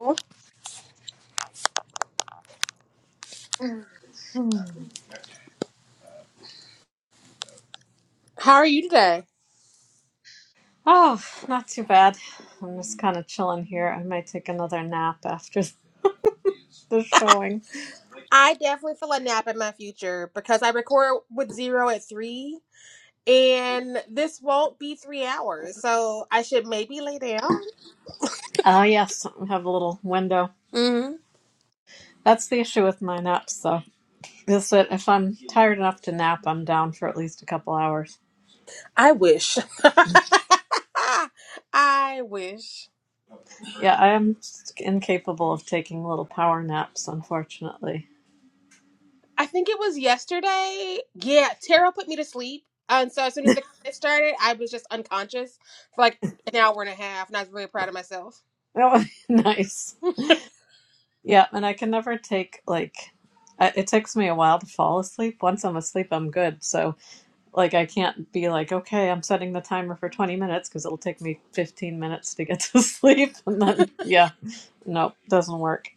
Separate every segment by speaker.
Speaker 1: How
Speaker 2: Hmm.
Speaker 1: are you today?
Speaker 2: Oh, not too bad. I'm just kind of chilling here. I might take another nap after the showing.
Speaker 1: I definitely feel a nap in my future because I record with zero at three, and this won't be three hours, so I should maybe lay down.
Speaker 2: Oh, yes, I have a little window.
Speaker 1: hmm
Speaker 2: That's the issue with my naps, though. Is that if I'm tired enough to nap, I'm down for at least a couple hours.
Speaker 1: I wish. I wish.
Speaker 2: Yeah, I am just incapable of taking little power naps, unfortunately.
Speaker 1: I think it was yesterday. Yeah, Tara put me to sleep, and so as soon as the credits started, I was just unconscious for like an hour and a half, and I was really proud of myself.
Speaker 2: That would be nice. Yeah, and I can never take, like, I- it takes me a while to fall asleep. Once I'm asleep, I'm good, so. Like I can't be like, okay, I'm setting the timer for 20 minutes because it'll take me 15 minutes to get to sleep. And then, yeah, nope, doesn't work.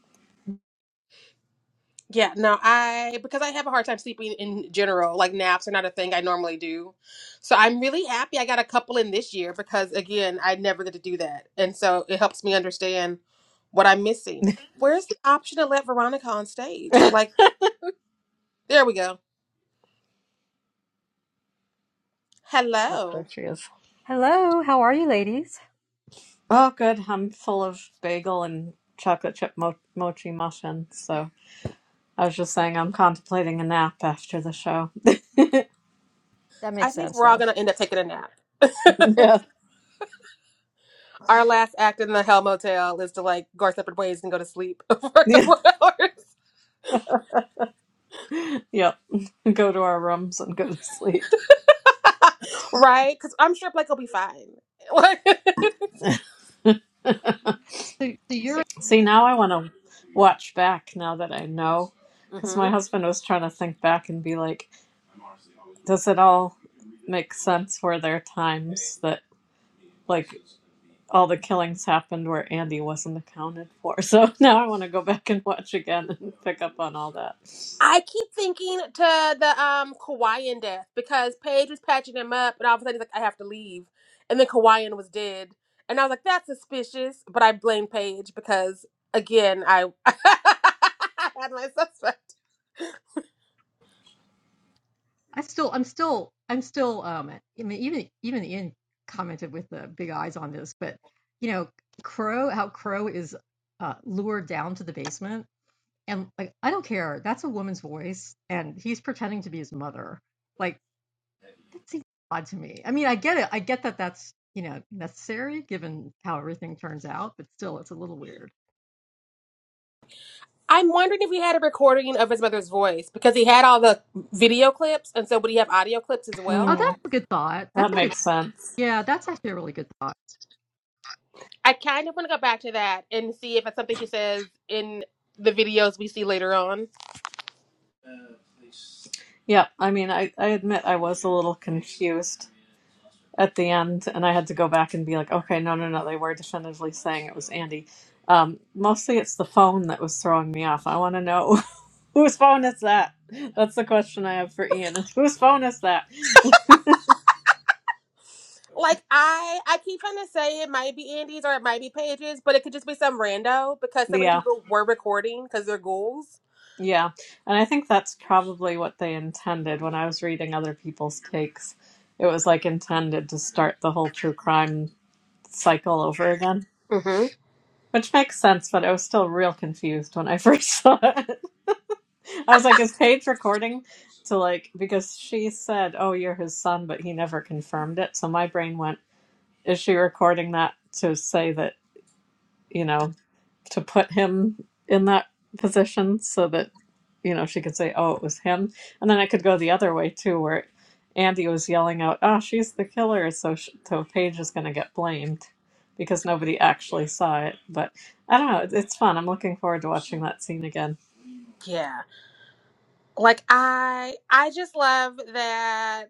Speaker 1: Yeah, no, I because I have a hard time sleeping in general. Like naps are not a thing I normally do. So I'm really happy I got a couple in this year because again, I never get to do that. And so it helps me understand what I'm missing. Where's the option to let Veronica on stage? Like, there we go.
Speaker 2: Oh, there
Speaker 1: Hello.
Speaker 2: she is.
Speaker 3: Hello, how are you, ladies?
Speaker 2: Oh, good. I'm full of bagel and chocolate chip mo- mochi muffin. So I was just saying I'm contemplating a nap after the show.
Speaker 3: That
Speaker 1: I
Speaker 3: makes
Speaker 1: think
Speaker 3: sense
Speaker 1: we're all
Speaker 3: though.
Speaker 1: gonna end up taking a nap.
Speaker 2: Yeah.
Speaker 1: Our last act in the Hell Motel is to like go our separate ways and go to sleep for a
Speaker 2: Yeah.
Speaker 1: couple of hours.
Speaker 2: Yep. Go to our rooms and go to sleep.
Speaker 1: Right? Because I'm sure Blake will be fine. Like
Speaker 2: See, now I want to watch back now that I know. Because my husband was trying to think back and be like, Does it all make sense? Were there are times that like all the killings happened where Andy wasn't accounted for? So now I want to go back and watch again and pick up on all that.
Speaker 1: I keep thinking to the um Kawaiian death because Paige was patching him up, and all of a sudden he's like, "I have to leave," and then Kawaiian was dead, and I was like, "That's suspicious," but I blame Paige because again, I I had my suspect.
Speaker 3: I still, I'm still, I'm still. Um, I mean, even even Ian commented with the big eyes on this, but you know, Crow, how Crow is uh, lured down to the basement, and like, I don't care. That's a woman's voice, and he's pretending to be his mother. Like, that seems odd to me. I mean, I get it. I get that that's you know necessary given how everything turns out, but still, it's a little weird.
Speaker 1: I'm wondering if he had a recording of his mother's voice because he had all the video clips, and so would he have audio clips as
Speaker 3: Oh,
Speaker 1: well?
Speaker 3: that's
Speaker 2: Mm,
Speaker 3: a good thought. That's
Speaker 2: that
Speaker 3: a good.
Speaker 2: makes sense.
Speaker 3: Yeah, that's actually a really good thought.
Speaker 1: I kind of want to go back to that and see if it's something she says in the videos we see later on.
Speaker 2: Yeah, I mean, I, I admit I was a little confused at the end, and I had to go back and be like, okay, no, no, no, they were definitively saying it was Andy. Um, mostly it's the phone that was throwing me off. I want to know whose phone is that? That's the question I have for Ian. Whose phone is that?
Speaker 1: Like I, I keep trying to say it might be Andy's or it might be Paige's, but it could just be some rando because so many
Speaker 2: Yeah,
Speaker 1: people were recording because they're ghouls.
Speaker 2: yeah. And I think that's probably what they intended when I was reading other people's takes. It was like intended to start the whole true crime cycle over again,
Speaker 1: hmm
Speaker 2: which makes sense, but I was still real confused when I first saw it. I was like, is Paige recording to like, because she said, oh, you're his son, but he never confirmed it. So my brain went, is she recording that to say that? You know, to put him in that position so that you know she could say oh it was him and then i could go the other way too where andy was yelling out oh she's the killer so sh- so paige is going to get blamed because nobody actually saw it but i don't know it- it's fun i'm looking forward to watching that scene again
Speaker 1: Yeah, like I, I just love that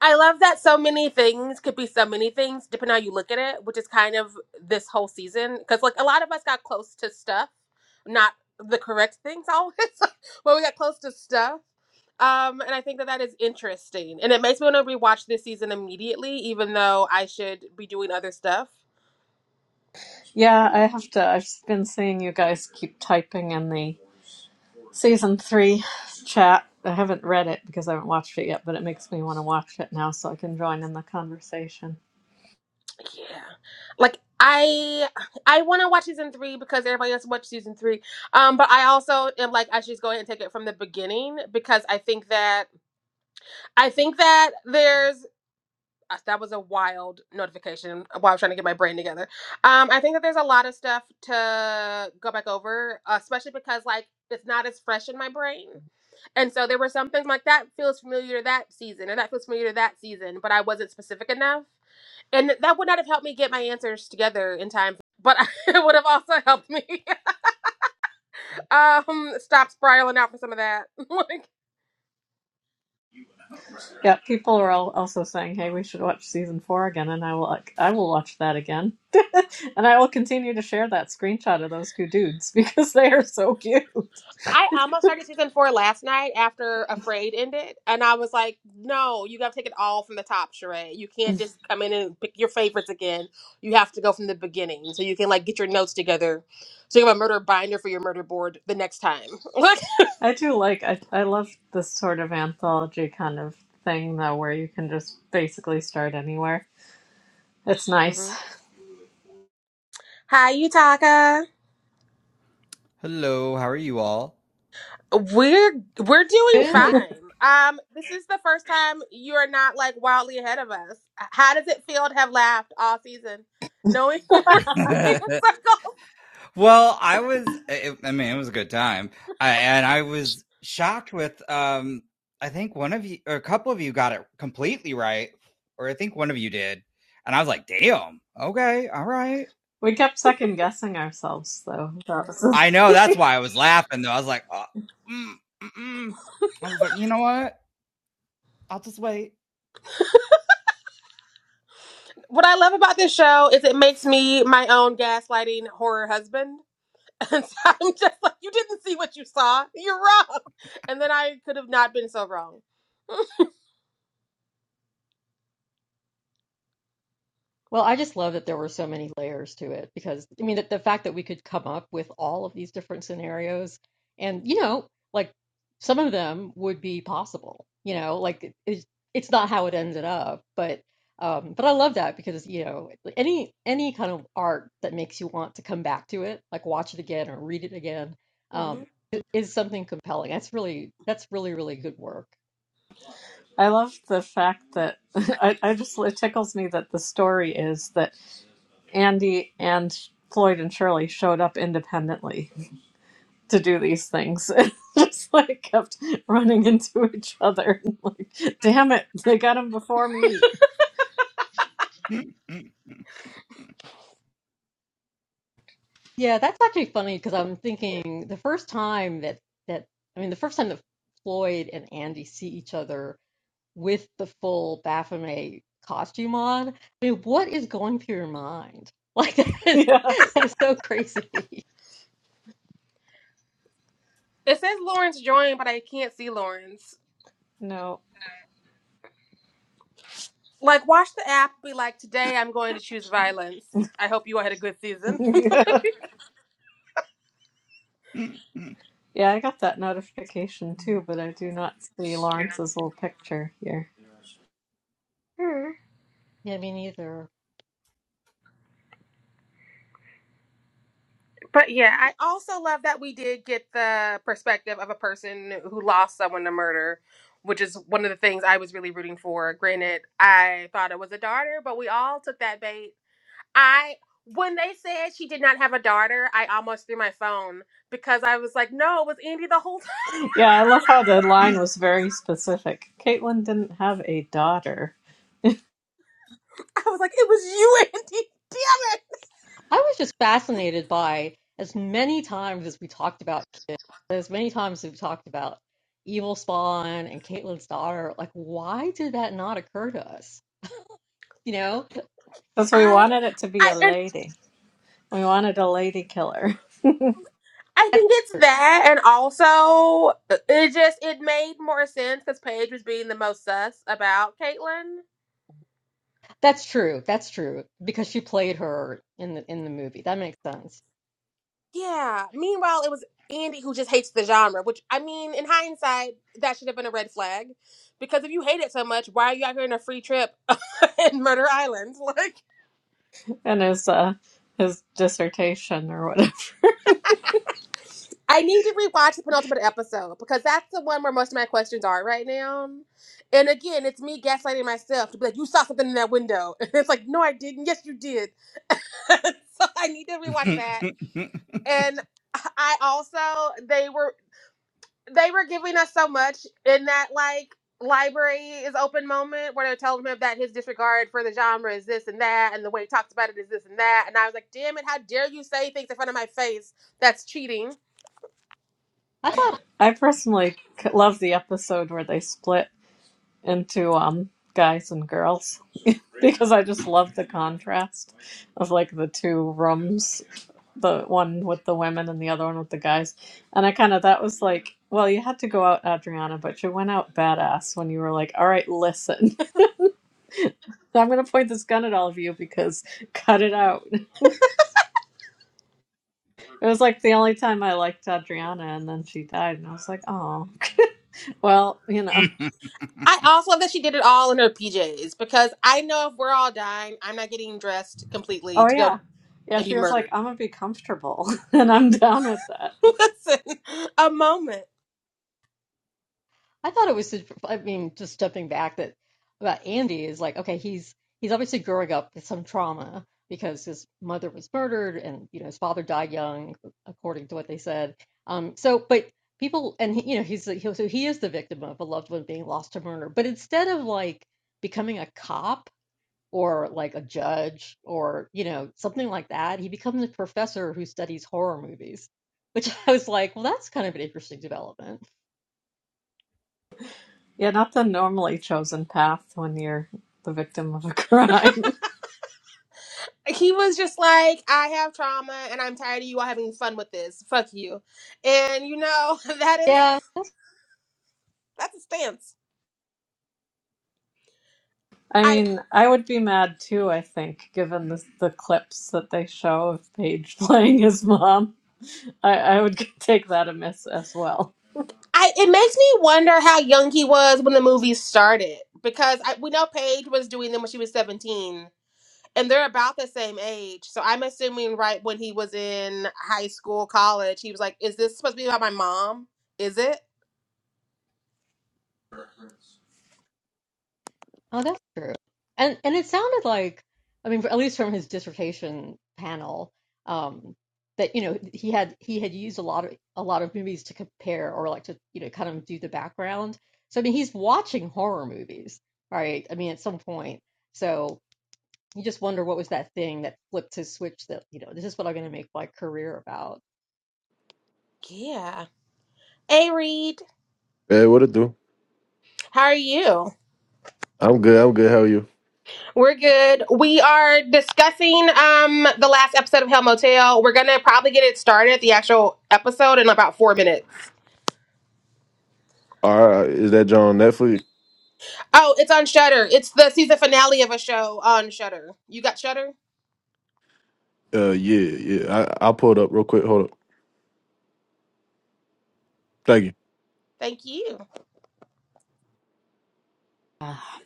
Speaker 1: I love that so many things could be so many things, depending on how you look at it, which is kind of this whole season. Because, like, a lot of us got close to stuff, not the correct things always, but we got close to stuff. Um, and I think that that is interesting. And it makes me want to rewatch this season immediately, even though I should be doing other stuff.
Speaker 2: yeah i have to i've been seeing you guys keep typing in the season three chat i haven't read it because i haven't watched it yet but it makes me want to watch it now so i can join in the conversation
Speaker 1: Yeah. Like, I I want to watch season three because everybody else watched season three. Um, but I also am like, I should just go ahead and take it from the beginning because I think that I think that there's uh, that was a wild notification while I was trying to get my brain together. Um, I think that there's a lot of stuff to go back over, uh, especially because like it's not as fresh in my brain. And so there were some things like that feels familiar to that season, and that feels familiar to that season, but I wasn't specific enough, and that would not have helped me get my answers together in time. But it would have also helped me um, stop spiraling out for some of that. like.
Speaker 2: Yeah, people are all also saying, "Hey, we should watch season four again," and I will, like, I will watch that again, and I will continue to share that screenshot of those two dudes because they are so cute.
Speaker 1: I almost started season four last night after Afraid ended, and I was like, "No, you got to take it all from the top, Sheree. You can't just come in and pick your favorites again. You have to go from the beginning, so you can like get your notes together, so you have a murder binder for your murder board the next time."
Speaker 2: I do like, I, I love this sort of anthology kind of thing though, where you can just basically start anywhere. It's nice.
Speaker 1: Mhm. hi, Utaka.
Speaker 4: Hello, how are you all?
Speaker 1: We're we're doing
Speaker 3: Good.
Speaker 1: fine. Um, this is the first time you are not like wildly ahead of us. How does it feel to have laughed all season, knowing we were swimming in
Speaker 4: well,
Speaker 1: circles?
Speaker 4: I was, it, I mean, it was a good time. I, and I was shocked with, um, I think one of you, or a couple of you got it completely right, or I think one of you did. And I was like, damn, okay, all right.
Speaker 2: We kept second guessing ourselves though. That was
Speaker 4: I know
Speaker 2: the
Speaker 4: that's why I was laughing though. I was like, oh, mm, mm, mm. I was like, you know what? I'll just wait.
Speaker 1: What I love about this show is it makes me my own gaslighting horror husband. And so I'm just like, you didn't see what you saw. You're wrong. And then I could have not been so wrong.
Speaker 3: Well, I just love that there were so many layers to it because I mean the, the fact that we could come up with all of these different scenarios and you know like some of them would be possible you know like it, it's it's not how it ended up but um but I love that because you know any any kind of art that makes you want to come back to it like watch it again or read it again
Speaker 1: hmm
Speaker 3: um i- is something compelling that's really that's really really good work
Speaker 2: I love the fact that I, I just it tickles me that the story is that Andy and Floyd and Shirley showed up independently to do these things. It just like kept running into each other. like, damn it, they got him before me.
Speaker 3: Yeah, that's actually funny because I'm thinking the first time that that I mean the first time that Floyd and Andy see each other with the full Baphomet costume on, I mean, what is going through your mind? Like that is
Speaker 2: Yeah.
Speaker 3: that is so crazy.
Speaker 1: It says Lawrence joined, but I can't see Lawrence.
Speaker 2: No.
Speaker 1: Like, watch the app. Be like, today I'm going to choose violence. I hope you all had a good season.
Speaker 2: yeah. I got that notification too, but I do not see Lawrence's little picture here.
Speaker 1: Mm.
Speaker 3: Yeah, me neither.
Speaker 1: But yeah, I also love that we did get the perspective of a person who lost someone to murder, which is one of the things I was really rooting for. Granted, I thought it was a daughter, but we all took that bait. I when they said she did not have a daughter, I almost threw my phone because I was like, "No, it was Andy the whole time."
Speaker 2: Yeah, I love how the line was very specific. Caitlin didn't have a daughter
Speaker 1: I was like, "It was you, Andy. Damn it!"
Speaker 3: I was just fascinated by as many times as we talked about kids, as many times as we talked about Evil Spawn and Caitlin's daughter, like why did that not occur to us? You know?
Speaker 2: because we
Speaker 1: I
Speaker 2: wanted it to be
Speaker 1: I
Speaker 2: a
Speaker 1: and
Speaker 2: lady. We wanted a lady killer
Speaker 1: I
Speaker 3: That
Speaker 1: think it's that, and also uh, it just it made more sense because Paige was being the most sus about Caitlyn.
Speaker 3: That's true. That's true because she played her in the in the movie. That makes sense.
Speaker 1: Yeah. Meanwhile, it was Andy who just hates the genre, which I mean, in hindsight, that should have been a red flag. Because if you hate it so much, why are you out here on a free trip in Murder Island? Like,
Speaker 2: in his uh, his dissertation or whatever.
Speaker 1: I need to rewatch the penultimate episode because that's the one where most of my questions are right now. And again, it's me gaslighting myself to be like, "You saw something in that window," and it's like, "No, I didn't. Yes, you did." so I need to rewatch that. And I also they were they were giving us so much in that like library is open moment where they're telling him that his disregard for the genre is this and that and the way he talks about it is this and that. And I was like, damn it, how dare you say things in front of my face? That's cheating.
Speaker 3: I thought
Speaker 2: I personally c- love the episode where they split into um guys and girls because I just love the contrast of like the two rooms, the one with the women and the other one with the guys. And I kind of that was like, well, you had to go out, Adriana, but you went out badass when you were like, all right, listen, I'm gonna point this gun at all of you because cut it out. It was like the only time I liked Adriana, and then she died, and I was like, oh, well, you know,
Speaker 1: I also love that she did it all in her PJs because I know if we're all dying, I'm not getting dressed completely
Speaker 2: oh
Speaker 1: to go
Speaker 2: yeah. Yeah,
Speaker 1: and be
Speaker 2: she was like,
Speaker 1: murdered.
Speaker 2: I'm gonna be comfortable, and I'm down with that.
Speaker 1: Listen, a moment.
Speaker 3: I thought it was. such- I mean, just stepping back that about Andy is like okay, he's he's obviously growing up with some trauma because his mother was murdered and you know his father died young, according to what they said. Um. So, but people and he, you know he's the- he, so he is the victim of a loved one being lost to murder. But instead of like becoming a cop or like a judge or, you know, something like that. He becomes a professor who studies horror movies, which I was like, well, that's kind of an interesting development.
Speaker 2: Yeah, not the normally chosen path when you're the victim of a crime.
Speaker 1: he was just like, I have trauma and I'm tired of you all having fun with this. Fuck you. And you know, that is
Speaker 3: Yeah.
Speaker 1: that's a stance.
Speaker 2: I
Speaker 1: I
Speaker 2: mean, I would be mad too, I think, given the, the clips that they show of Paige playing his mom. I, I would take that amiss as well.
Speaker 1: I it makes me wonder how young he was when the movie started. Because I, we know Paige was doing them when she was 17. And they're about the same age. So I'm assuming right when he was in high school, college, he was like, Is this supposed to be about my mom? Is it?
Speaker 3: Oh, that's true. And and it sounded like, I mean, for, at least from his dissertation panel, um, that you know he had he had used a lot of a lot of movies to compare or like to you know kind of do the background. So I mean, he's watching horror movies, right? I mean, at some point, so you just wonder what was that thing that flipped his switch that you know this is what I'm going to make my career about.
Speaker 1: Yeah. Hey Reed,
Speaker 5: Hey, what it do?
Speaker 1: how are you?
Speaker 5: I'm good. I'm good. How are you?
Speaker 1: We're good. We are discussing um the last episode of Hell Motel. We're gonna probably get it started, the actual episode, in about four minutes.
Speaker 5: All right. Is that John Netflix?
Speaker 1: Oh, it's on Shutter. It's the season finale of a show on Shutter. You got Shutter?
Speaker 5: Uh, yeah, yeah. I I'll pull it up real quick. Hold up. Thank you.
Speaker 1: Thank you.
Speaker 2: Ah,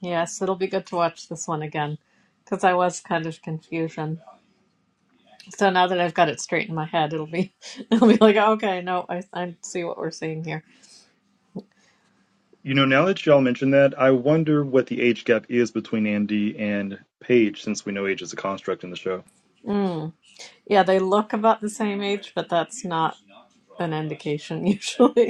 Speaker 2: Yes, it'll be good to watch this one again because I was kind of confusion. So now that I've got it straight in my head, it'll be it'll be like, okay, no, I, I see what we're seeing here.
Speaker 6: You know, now that y'all mentioned that, I wonder what the age gap is between Andy and Paige, since we know age is a construct in the show.
Speaker 2: Mm. Yeah, they look about the same age, but that's not an indication usually.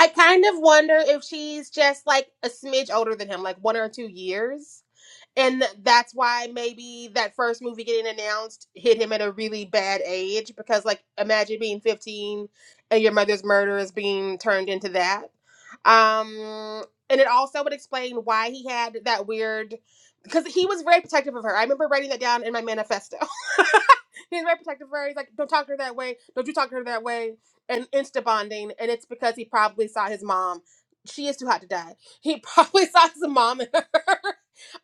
Speaker 1: I kind of wonder if she's just like a smidge older than him, like one or two years. and that's why maybe that first movie getting announced hit him at a really bad age because like imagine being 15 and your mother's murder is being turned into that um and it also would explain why he had that weird because he was very protective of her i remember writing that down in my manifesto he was very protective of her he's like don't talk to her that way don't you talk to her that way and insta bonding and it's because he probably saw his mom she is too hot to die he probably saw his mom in her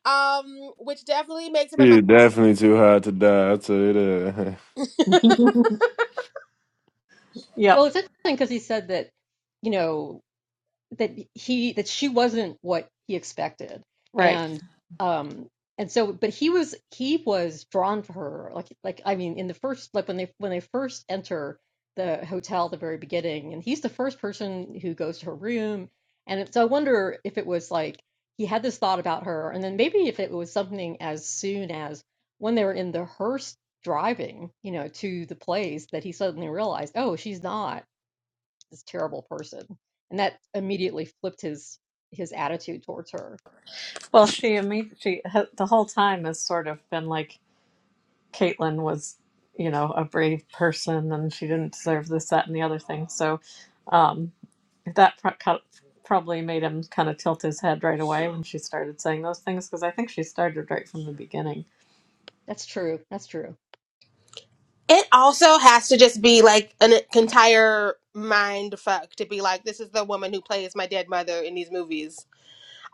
Speaker 1: um, which definitely makes him a. mi-
Speaker 5: She definitely too high to die. I tell you that.
Speaker 2: Yep,
Speaker 3: Well, it's interesting because he said that, you know, that he that she wasn't what he expected,
Speaker 2: right.
Speaker 3: and um and so but he was he was drawn to her like like I mean in the first like when they when they first enter the hotel at the very beginning and he's the first person who goes to her room and it- so I wonder if it was like he had this thought about her and then maybe if it was something as soon as when they were in the hearse driving you know to the place that he suddenly realized oh she's not this terrible person and that immediately flipped his his attitude towards her
Speaker 2: Well, she immediately, the whole time has sort of been like Caitlin was, you know, a brave person and she didn't deserve this, that, and the other thing. So um, that pro- co- probably made him kind of tilt his head right away when she started saying those things because I think she started right from the beginning.
Speaker 3: that's true that's true
Speaker 1: it also has to just be like an entire mind fuck to be like, this is the woman who plays my dead mother in these movies.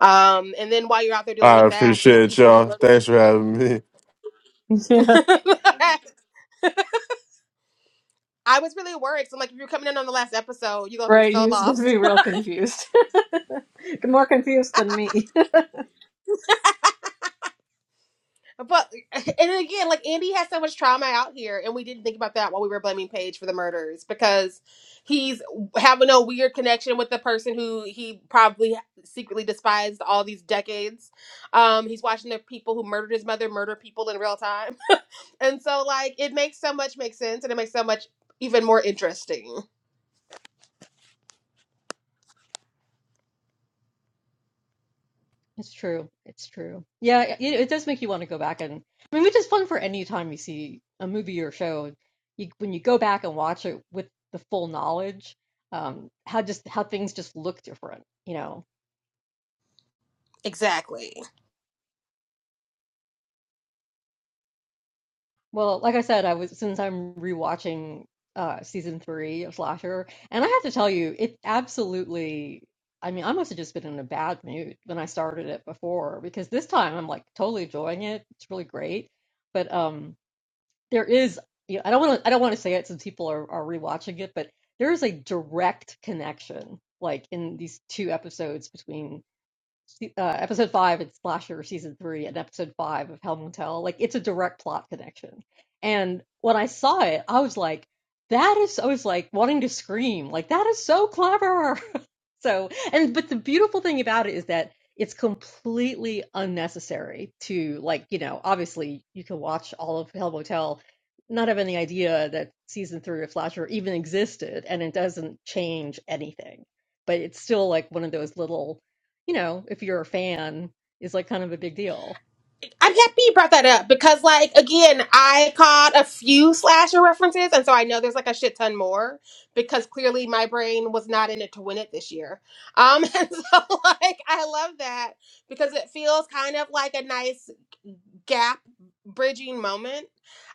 Speaker 1: Um, and then while you're out there dealing
Speaker 5: I
Speaker 1: with that, the
Speaker 5: appreciate
Speaker 1: people who
Speaker 5: y'all.
Speaker 1: murdered.
Speaker 5: Thanks for having me.
Speaker 2: Yeah,
Speaker 1: I was really worried. So I'm like, if you're coming in on the last episode, you're gonna be
Speaker 2: right. He
Speaker 1: so
Speaker 2: was going to
Speaker 1: lost.
Speaker 2: be real confused, more confused than me.
Speaker 1: But and again, like Andy has so much trauma out here, and we didn't think about that while we were blaming Paige for the murders because he's having a weird connection with the person who he probably secretly despised all these decades. Um, he's watching the people who murdered his mother murder people in real time, and so like it makes so much make sense, and it makes so much even more interesting.
Speaker 3: It's true. It's true. Yeah, it, it does make you want to go back and I mean, which is fun for any time you see a movie or show. You when you go back and watch it with the full knowledge, um, how just how things just look different, you know.
Speaker 1: Exactly.
Speaker 3: Well, like I said, I was since I'm rewatching uh season three of Slasher, and I have to tell you, it absolutely. I mean, I must have just been in a bad mood when I started it before because this time I'm like totally enjoying it. It's really great, but um. there is you know, I don't want to I don't want to say it since people are, are rewatching it, but there is a direct connection like in these two episodes between se- uh, episode five in Splasher season three and episode five of Hell Motel. Like it's a direct plot connection. And when I saw it, I was like, that is, I was like wanting to scream, like that is so clever. so, and, but the beautiful thing about it is that it's completely unnecessary to like, you know, obviously you can watch all of Hell Motel, not have any idea that season three of Slasher even existed and it doesn't change anything but it's still like one of those little you know, if you're a fan, is like kind of a big deal.
Speaker 1: like I'm happy you brought that up because like again, I caught a few slasher references and so I know there's like a shit ton more because clearly my brain was not in it to win it this year. Um and so like I love that because it feels kind of like a nice gap bridging moment.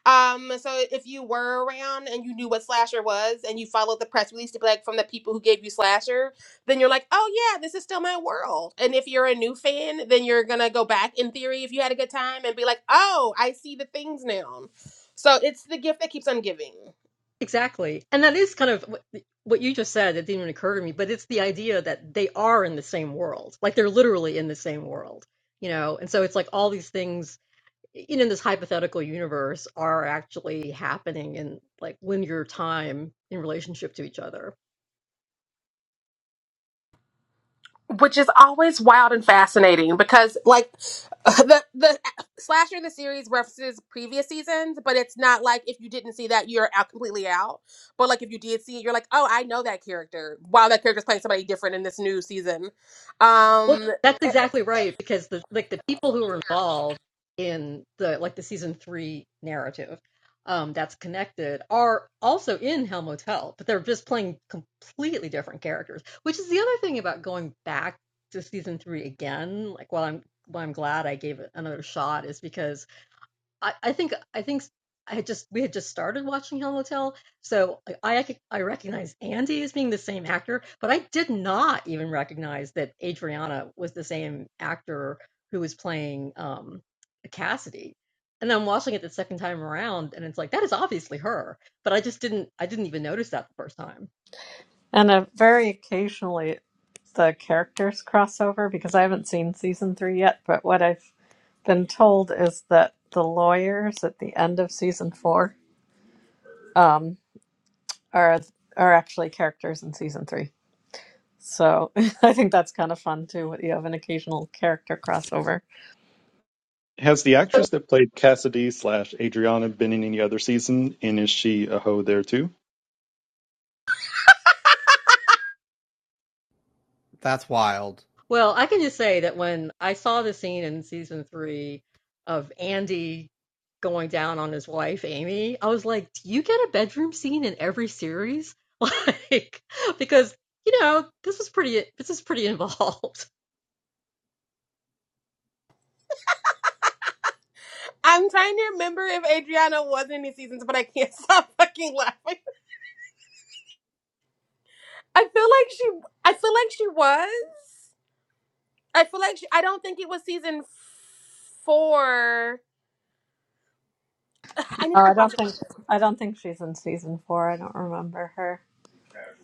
Speaker 1: Um, so if you were around and you knew what Slasher was and you followed the press release to be like from the people who gave you Slasher, then you're like, oh yeah, this is still my world. And if you're a new fan, then you're gonna go back in theory if you had a good time and be like, oh, I see the things now. So it's the gift that keeps on giving.
Speaker 3: Exactly. And that is kind of wh- what you just said. It didn't even occur to me, but it's the idea that they are in the same world. Like they're literally in the same world, you know? And so it's like all these things, you know, in this hypothetical universe are actually happening in like linear time in relationship to each other.
Speaker 1: which is always wild and fascinating because like the the slasher in the series references previous seasons but it's not like if you didn't see that you're out completely out but like if you did see it you're like oh i know that character wow that character's playing somebody different in this new season
Speaker 3: Well,
Speaker 1: um
Speaker 3: that's
Speaker 1: eh,
Speaker 3: exactly right because the like the people who are involved in the like the season three narrative um, that's connected are also in Hell Motel, but they're just playing completely different characters. Which is the other thing about going back to season three again. Like, while I'm while I'm glad I gave it another shot, is because I, I think I think I had just we had just started watching Hell Motel, so like, I I recognize Andy as being the same actor, but I did not even recognize that Adriana was the same actor who was playing um Cassidy. And then I'm watching it the second time around, and it's like that is obviously her, but I just didn't I didn't even notice that the first time.
Speaker 2: And uh, very occasionally, the characters crossover because I haven't seen season three yet. But what I've been told is that the lawyers at the end of season four um, are are actually characters in season three. So I think that's kind of fun too. You have an occasional character crossover.
Speaker 6: Has the actress that played Cassidy slash Adriana been in any other season, and is she a hoe there too?
Speaker 4: that's wild.
Speaker 3: Well, I can just say that when I saw the scene in season three of Andy going down on his wife, Amy, I was like, do you get a bedroom scene in every series? Like, because, you know, this was pretty, this is pretty involved.
Speaker 1: i'm trying to remember if adriana was in any seasons but i can't stop fucking laughing i feel like she i feel like she was i feel like she, i don't think it was season four i
Speaker 2: No,
Speaker 1: need to
Speaker 2: I don't
Speaker 1: rewatch
Speaker 2: think
Speaker 1: everything
Speaker 2: I don't think she's in season four. I don't remember her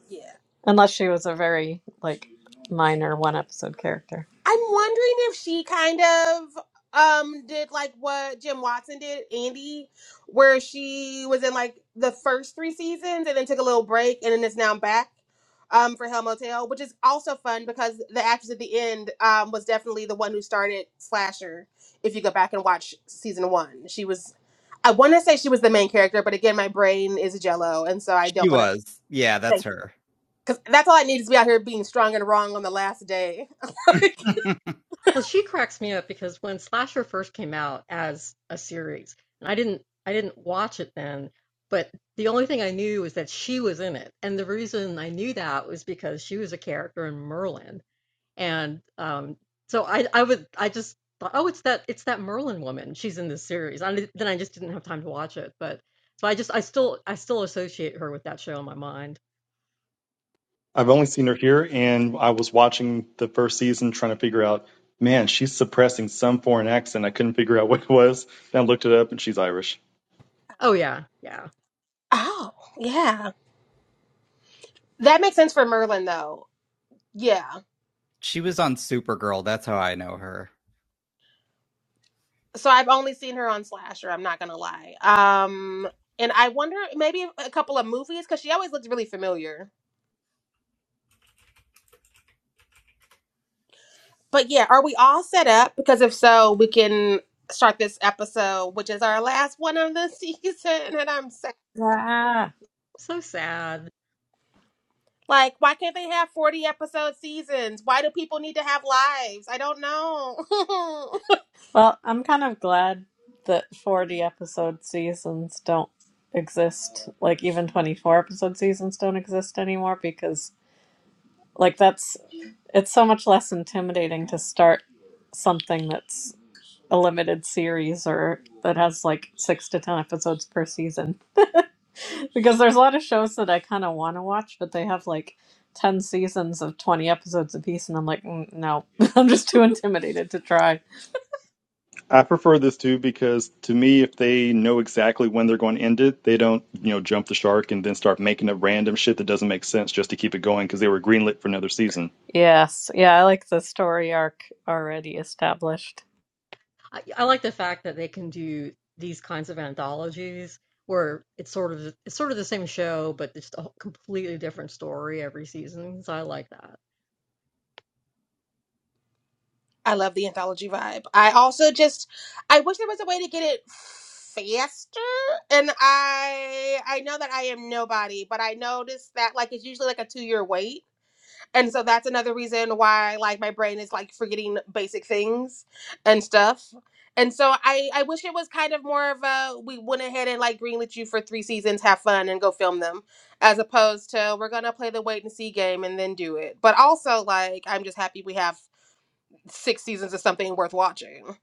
Speaker 1: Yeah.
Speaker 2: unless she was a very like minor one episode character.
Speaker 1: I'm wondering if she kind of um did like what Jim Watson did, Andy, where she was in like the first three seasons and then took a little break and then is now back um for Hell Motel, which is also fun because the actress at the end um was definitely the one who started Slasher. If you go back and watch season one, she was I want to say she was the main character, but again, my brain is jello, and so I
Speaker 4: She
Speaker 1: don't want to.
Speaker 4: was. Yeah, that's
Speaker 1: Thank you.
Speaker 4: her.
Speaker 1: Because that's all I need is to be out here being strong and wrong on the last day.
Speaker 3: Well, she cracks me up because when Slasher first came out as a series, and I didn't, I didn't watch it then, but the only thing I knew was that she was in it. And the reason I knew that was because she was a character in Merlin And, um, so I I would I just thought, "Oh, it's that it's that Merlin woman. She's in this series." I did then I just didn't have time to watch it, but so I just I still I still associate her with that show in my mind.
Speaker 6: I've only seen her here, and I was watching the first season trying to figure out, man, she's suppressing some foreign accent. I couldn't figure out what it was. Then I looked it up, and she's Irish.
Speaker 3: Oh, yeah, yeah.
Speaker 1: Oh, yeah. That makes sense for Merlin though. Yeah.
Speaker 4: She was on Supergirl. That's how I know her.
Speaker 1: So I've only seen her on Slasher, I'm not gonna lie. Um and I wonder maybe a couple of movies because she always looks really familiar. But yeah, are we all set up? Because if so, we can start this episode, which is our last one of the season. And I'm sad.
Speaker 2: Yeah.
Speaker 3: So sad.
Speaker 1: Like, why can't they have 40 episode seasons? Why do people need to have lives? I don't know.
Speaker 2: well, I'm kind of glad that 40 episode seasons don't exist. Like even 24 episode seasons don't exist anymore because Like that's it's so much less intimidating to start something that's a limited series or that has like six to ten episodes per season. Because there's a lot of shows that I kind of want to watch, but they have like ten seasons of twenty episodes apiece, and I'm like, "Mm, no, I'm just too intimidated to try.
Speaker 6: I prefer this too because to me, if they know exactly when they're going to end it, they don't, you know, jump the shark and then start making up random shit that doesn't make sense just to keep it going because they were greenlit for another season.
Speaker 2: Yes, yeah, I like the story arc already established.
Speaker 3: I I like the fact that they can do these kinds of anthologies where it's sort of it's sort of the same show, but it's a completely different story every season. So I like that.
Speaker 1: I love the anthology vibe. I also just I wish there was a way to get it faster. And I I know that I am nobody, but I noticed that like it's usually like a two year wait. And so that's another reason why like my brain is like forgetting basic things and stuff. And so I I wish it was kind of more of a we went ahead and like greenlit you for three seasons, have fun and go film them, as opposed to we're gonna play the wait and see game and then do it. But also like I'm just happy we have six seasons of something worth watching.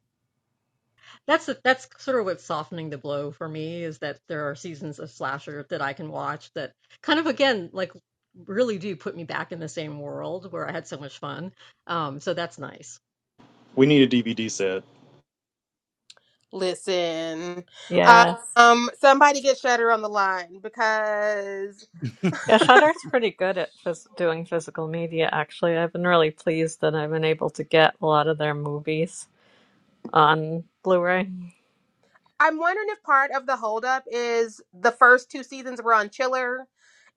Speaker 3: That's that's sort of what's softening the blow for me is that there are seasons of slasher that I can watch that kind of again like really do put me back in the same world where I had so much fun. Um, so that's nice.
Speaker 6: We need a DVD set.
Speaker 1: Listen,
Speaker 2: yes
Speaker 1: um, somebody get Shutter on the line because
Speaker 2: Yeah, Shudder's pretty good at phys- doing physical media, actually. I've been really pleased that I've been able to get a lot of their movies. on Blu-ray.
Speaker 1: I'm wondering if part of the holdup is the first two seasons were on Chiller,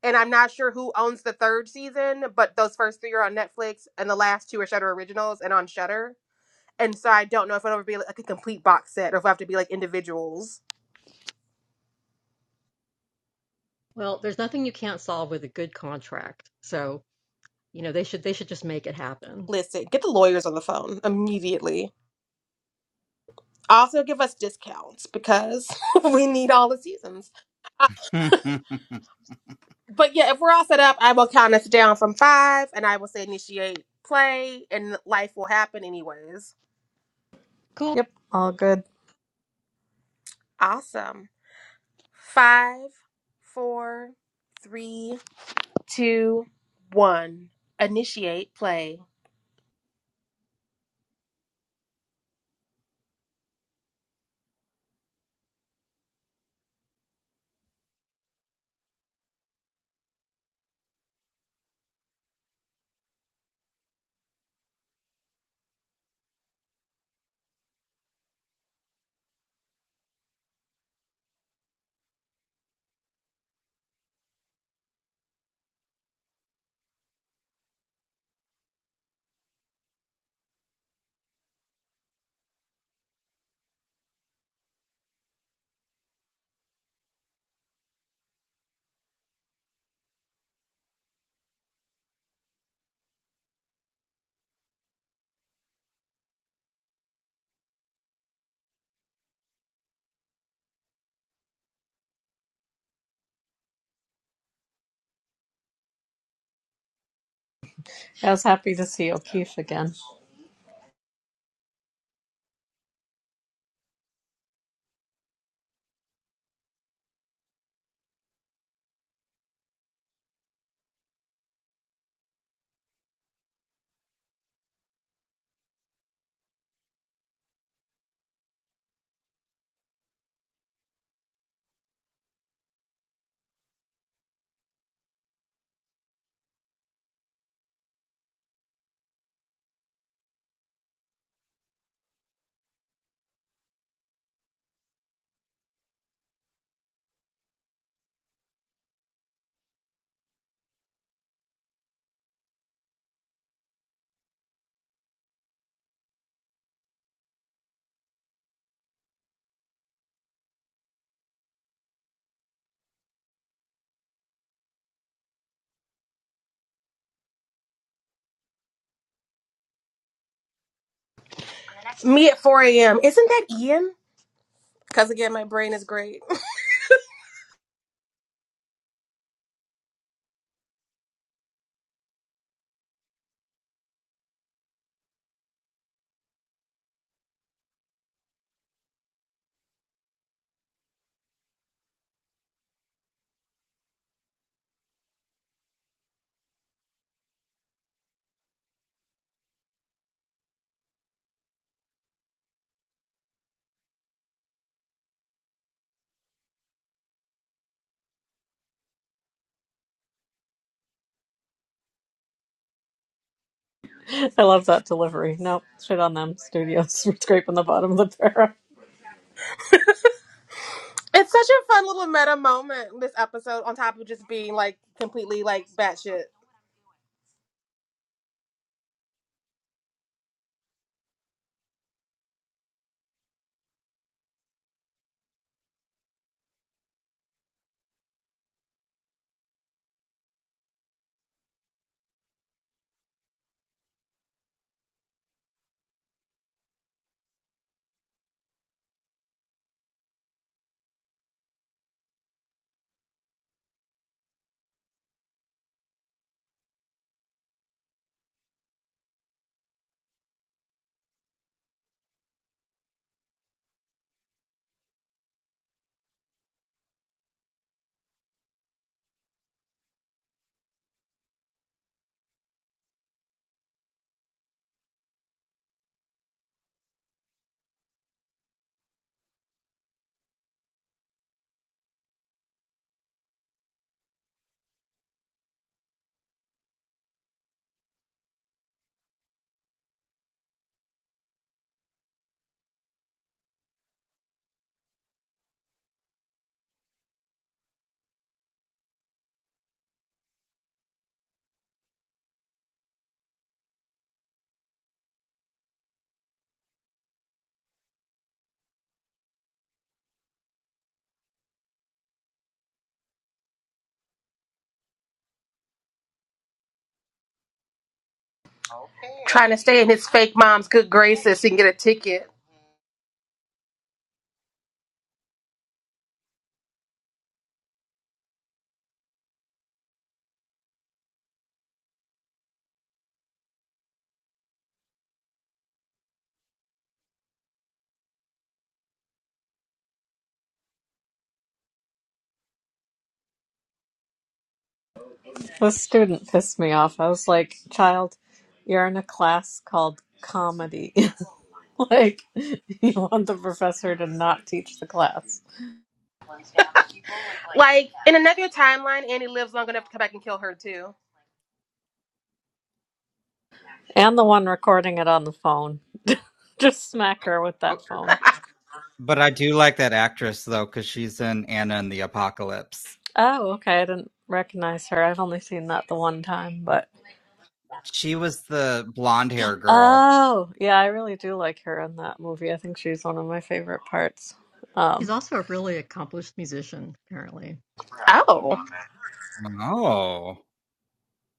Speaker 1: and I'm not sure who owns the third season, but those first three are on Netflix, and the last two are Shutter originals and on Shutter. And so I don't know if it'll ever be like a complete box set or if I have to be like individuals.
Speaker 3: Well, there's nothing you can't solve with a good contract. So you know they should they should just make it happen.
Speaker 1: Listen, get the lawyers on the phone immediately. Also, give us discounts because we need all the seasons. Uh, but yeah, if we're all set up, I will count us down from five and I will say initiate play and life will happen anyways.
Speaker 3: Cool.
Speaker 2: Yep, all good.
Speaker 1: Awesome. Five, four, three, two, one. Initiate play.
Speaker 2: I was happy to see O'Keefe again.
Speaker 1: Me at 4 a.m. Isn't that Ian? Because again, my brain is great.
Speaker 2: I love that delivery. Nope, shit on them studios for scraping the bottom of the barrel.
Speaker 1: it's such a fun little meta moment this episode, on top of just being like completely like batshit. trying to stay in his fake mom's good graces so he can get a ticket.
Speaker 2: This student pissed me off. I was like, child, you're in a class called comedy. like, you want the professor to not teach the class.
Speaker 1: Like in another timeline, Annie lives long enough to come back and kill her too.
Speaker 2: And the one recording it on the phone. Just smack her with that
Speaker 4: Oh,
Speaker 2: phone.
Speaker 4: but I do like that actress though, because she's in Anna and the Apocalypse.
Speaker 2: Oh, okay. I didn't recognize her. I've only seen that the one time, but.
Speaker 4: She was the blonde hair girl.
Speaker 2: Oh, yeah, I really do like her in that movie. I think she's one of my favorite parts.
Speaker 3: He's
Speaker 2: Um,
Speaker 3: also a really accomplished musician apparently.
Speaker 1: Oh,
Speaker 4: Oh,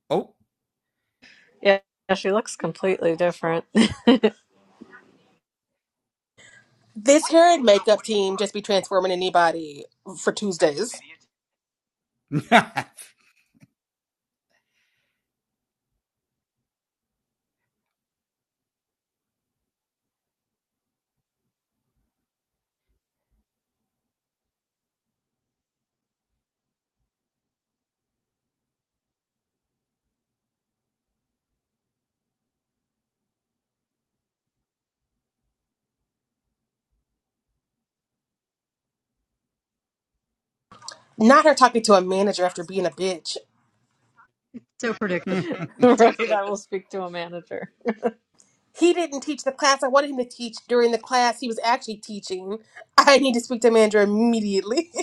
Speaker 4: oh.
Speaker 2: yeah, yeah, she looks completely different.
Speaker 1: this hair and makeup team just be transforming anybody for Tuesdays.
Speaker 4: I
Speaker 1: Not her talking to a manager after being a bitch.
Speaker 3: So predictable.
Speaker 2: Right, I will speak to a manager.
Speaker 1: He didn't teach the class I wanted him to teach during the class he was actually teaching. I need to speak to a manager immediately.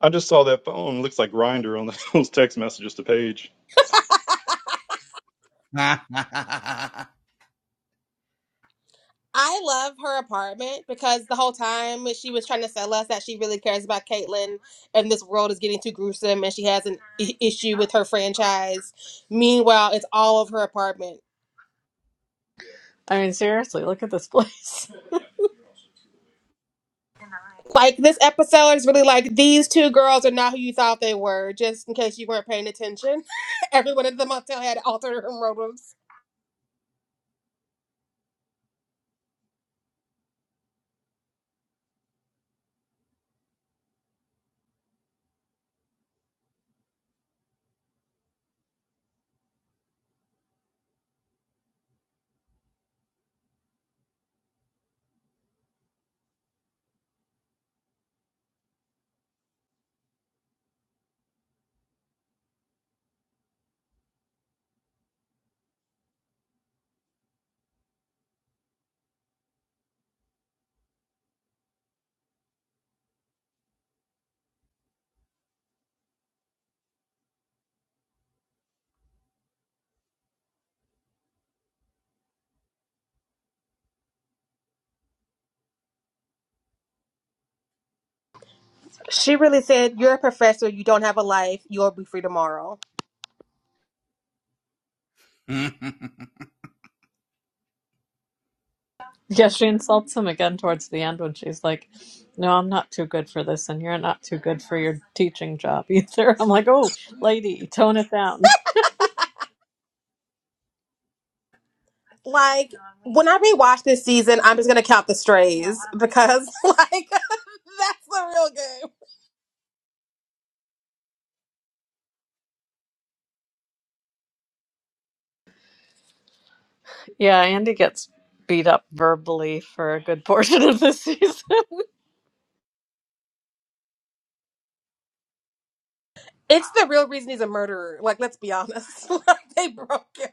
Speaker 6: I just saw that phone. It Looks like Grinder on those text messages to Paige.
Speaker 1: I love her apartment because the whole time she was trying to sell us that she really cares about Caitlyn and this world is getting too gruesome and she has an I- issue with her franchise. Meanwhile, it's all of her apartment.
Speaker 2: I mean, seriously, look at this place.
Speaker 1: Like this episode is really like these two girls are not who you thought they were. Just in case you weren't paying attention, everyone in the motel had altered room motives. She really said, "You're a professor. You don't have a life. You'll be free tomorrow."
Speaker 2: Yeah, she insults him again towards the end when she's like, No, I'm not too good for this, and you're not too good for your teaching job either. I'm like, Oh, lady, tone it down.
Speaker 1: Like when I rewatch this season, I'm just gonna count the strays because like that's the real game.
Speaker 2: Yeah, Andy gets beat up verbally for a good portion of this season.
Speaker 1: It's the real reason he's a murderer. Like, let's be honest. Like, they broke him.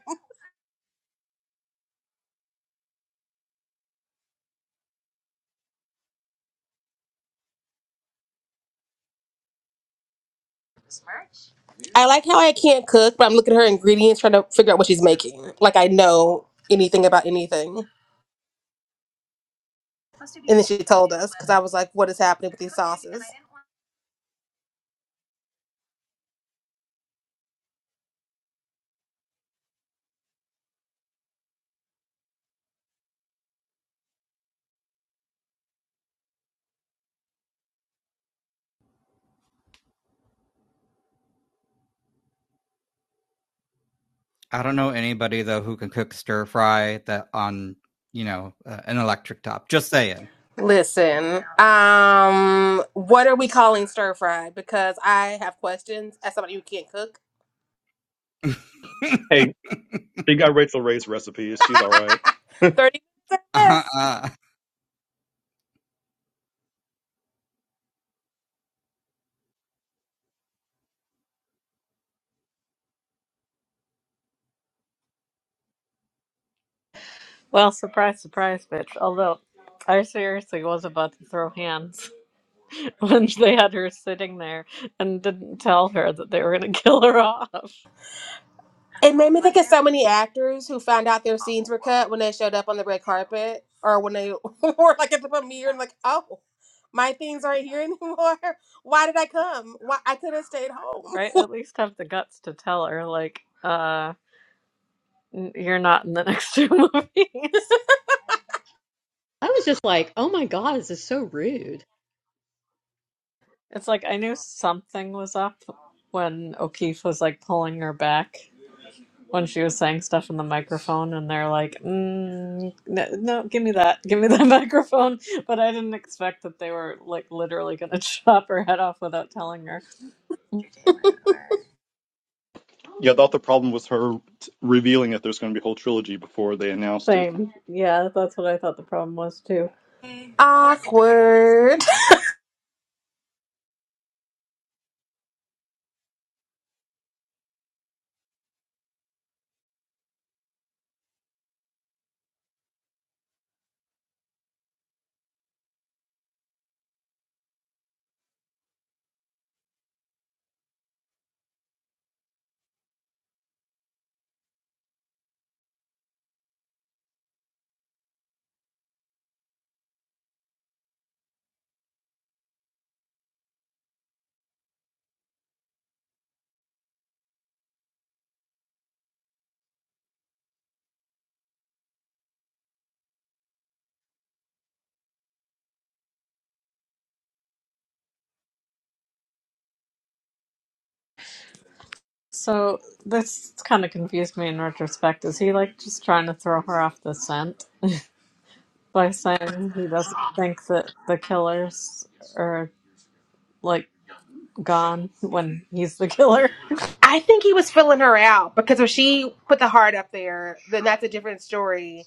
Speaker 1: I like how I can't cook, but I'm looking at her ingredients trying to figure out what she's making. Like I know anything about anything. And then she told us because I was like, what is happening with these sauces?
Speaker 4: don't know anybody though who can cook stir fry that on you know uh, an electric top. Just saying.
Speaker 1: Listen, um, what are we calling stir fry? Because I have questions as somebody who can't cook.
Speaker 6: Hey, you got Rachel Ray's recipe. She's all right.
Speaker 1: 30
Speaker 4: uh,
Speaker 1: minutes.
Speaker 4: uh,
Speaker 2: Well, surprise, surprise, bitch. Although I seriously was about to throw hands when they had her sitting there and didn't tell her that they were going to kill her off,
Speaker 1: It made me think of so many actors who found out their scenes were cut when they showed up on the red carpet or when they were like at the premiere and like, oh, my things aren't here anymore. Why did I come? Why I could have stayed home.
Speaker 2: right? At least have the guts to tell her, like, uh, n- you're not in the next two movies.
Speaker 3: I was just like, oh my god, this is so rude.
Speaker 2: It's like I knew something was up when O'Keefe was like pulling her back. when she was saying stuff in the microphone and they're like mm, no, no give me that give me that microphone but i didn't expect that they were like literally gonna chop her head off without telling her
Speaker 6: Yeah, I thought the problem was her t- revealing that there's going to be a whole trilogy before they announced it.
Speaker 2: same yeah that's what i thought the problem was too
Speaker 1: Awkward.
Speaker 2: so this kind of confused me in retrospect is he like just trying to throw her off the scent by saying he doesn't think that the killers are like gone when he's the killer
Speaker 1: I think he was filling her out because if she put the heart up there, then that's a different story.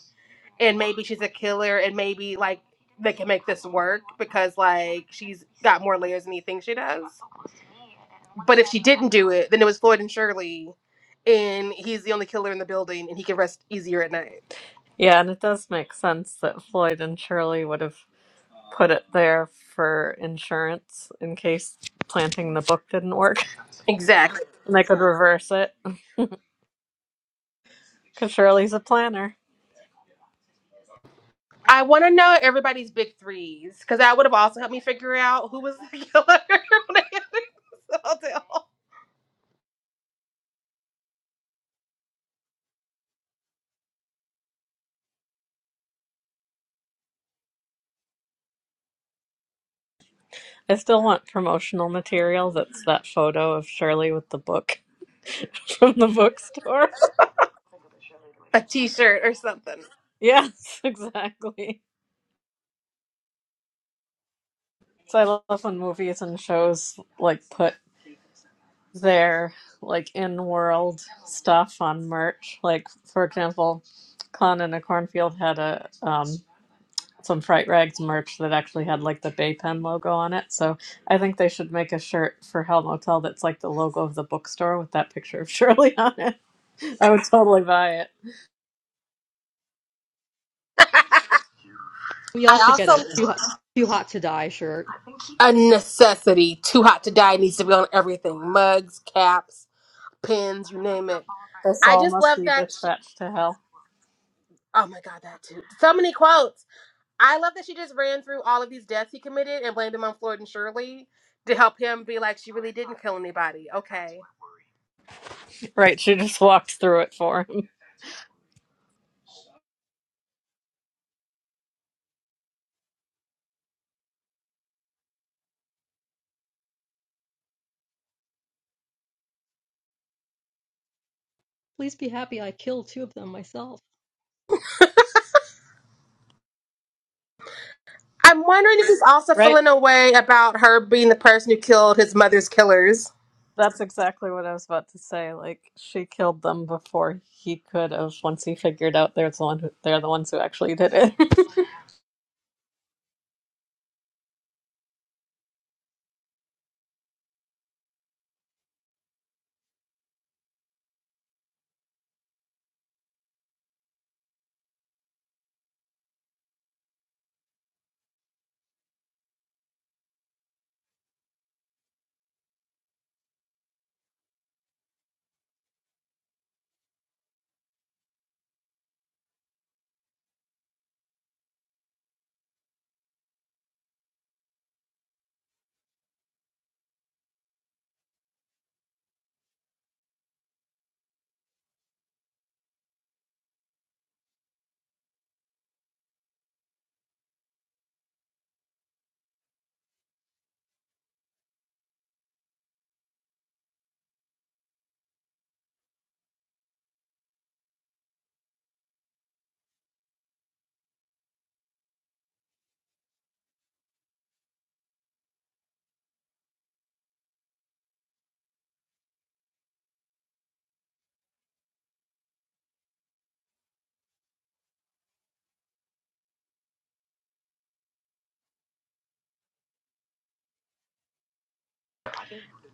Speaker 1: And maybe she's a killer and maybe like they can make this work because like she's got more layers than he thinks she does. But if she didn't do it, then it was Floyd and Shirley, and he's the only killer in the building, and he can rest easier at night.
Speaker 2: yeah and it does make sense that floyd and shirley would have put it there for insurance in case planting the book didn't work
Speaker 1: Exactly.
Speaker 2: and I could reverse it because Shirley's a planner.
Speaker 1: I want to know everybody's big threes because that would have also helped me figure out who was the killer. when I had this hotel.
Speaker 2: I still want promotional material that's that photo of Shirley with the book from the bookstore.
Speaker 1: A T-shirt or something.
Speaker 2: Yes, exactly. So I love when movies and shows like put their like in world stuff on merch. Like for example, Clown in a Cornfield had a um, some Fright Rags merch that actually had like the Bay Pen logo on it. So I think they should make a shirt for Hell Motel that's like the logo of the bookstore with that picture of Shirley on it. I would totally buy it.
Speaker 3: We all
Speaker 1: I
Speaker 3: should get
Speaker 1: also
Speaker 3: a too hot, too hot to die shirt.
Speaker 1: a necessity. Too hot to die needs to be on everything: mugs, caps, pins, you name it.
Speaker 2: Her
Speaker 1: I
Speaker 2: soul
Speaker 1: just
Speaker 2: must
Speaker 1: love
Speaker 2: be
Speaker 1: that she.
Speaker 2: dispatched to hell.
Speaker 1: Oh my god, that too. So many quotes. I love that she just ran through all of these deaths he committed and blamed them on Floyd and Shirley to help him be like, she really didn't kill anybody. Okay.
Speaker 2: Right, she just walked through it for him.
Speaker 3: Please be happy I killed two of them myself.
Speaker 1: I'm wondering if he's also
Speaker 2: Right?
Speaker 1: feeling a way about her being the person who killed his mother's killers.
Speaker 2: That's exactly what I was about to say. Like she killed them before he could have once he figured out there's the one who, they're the ones who actually did it.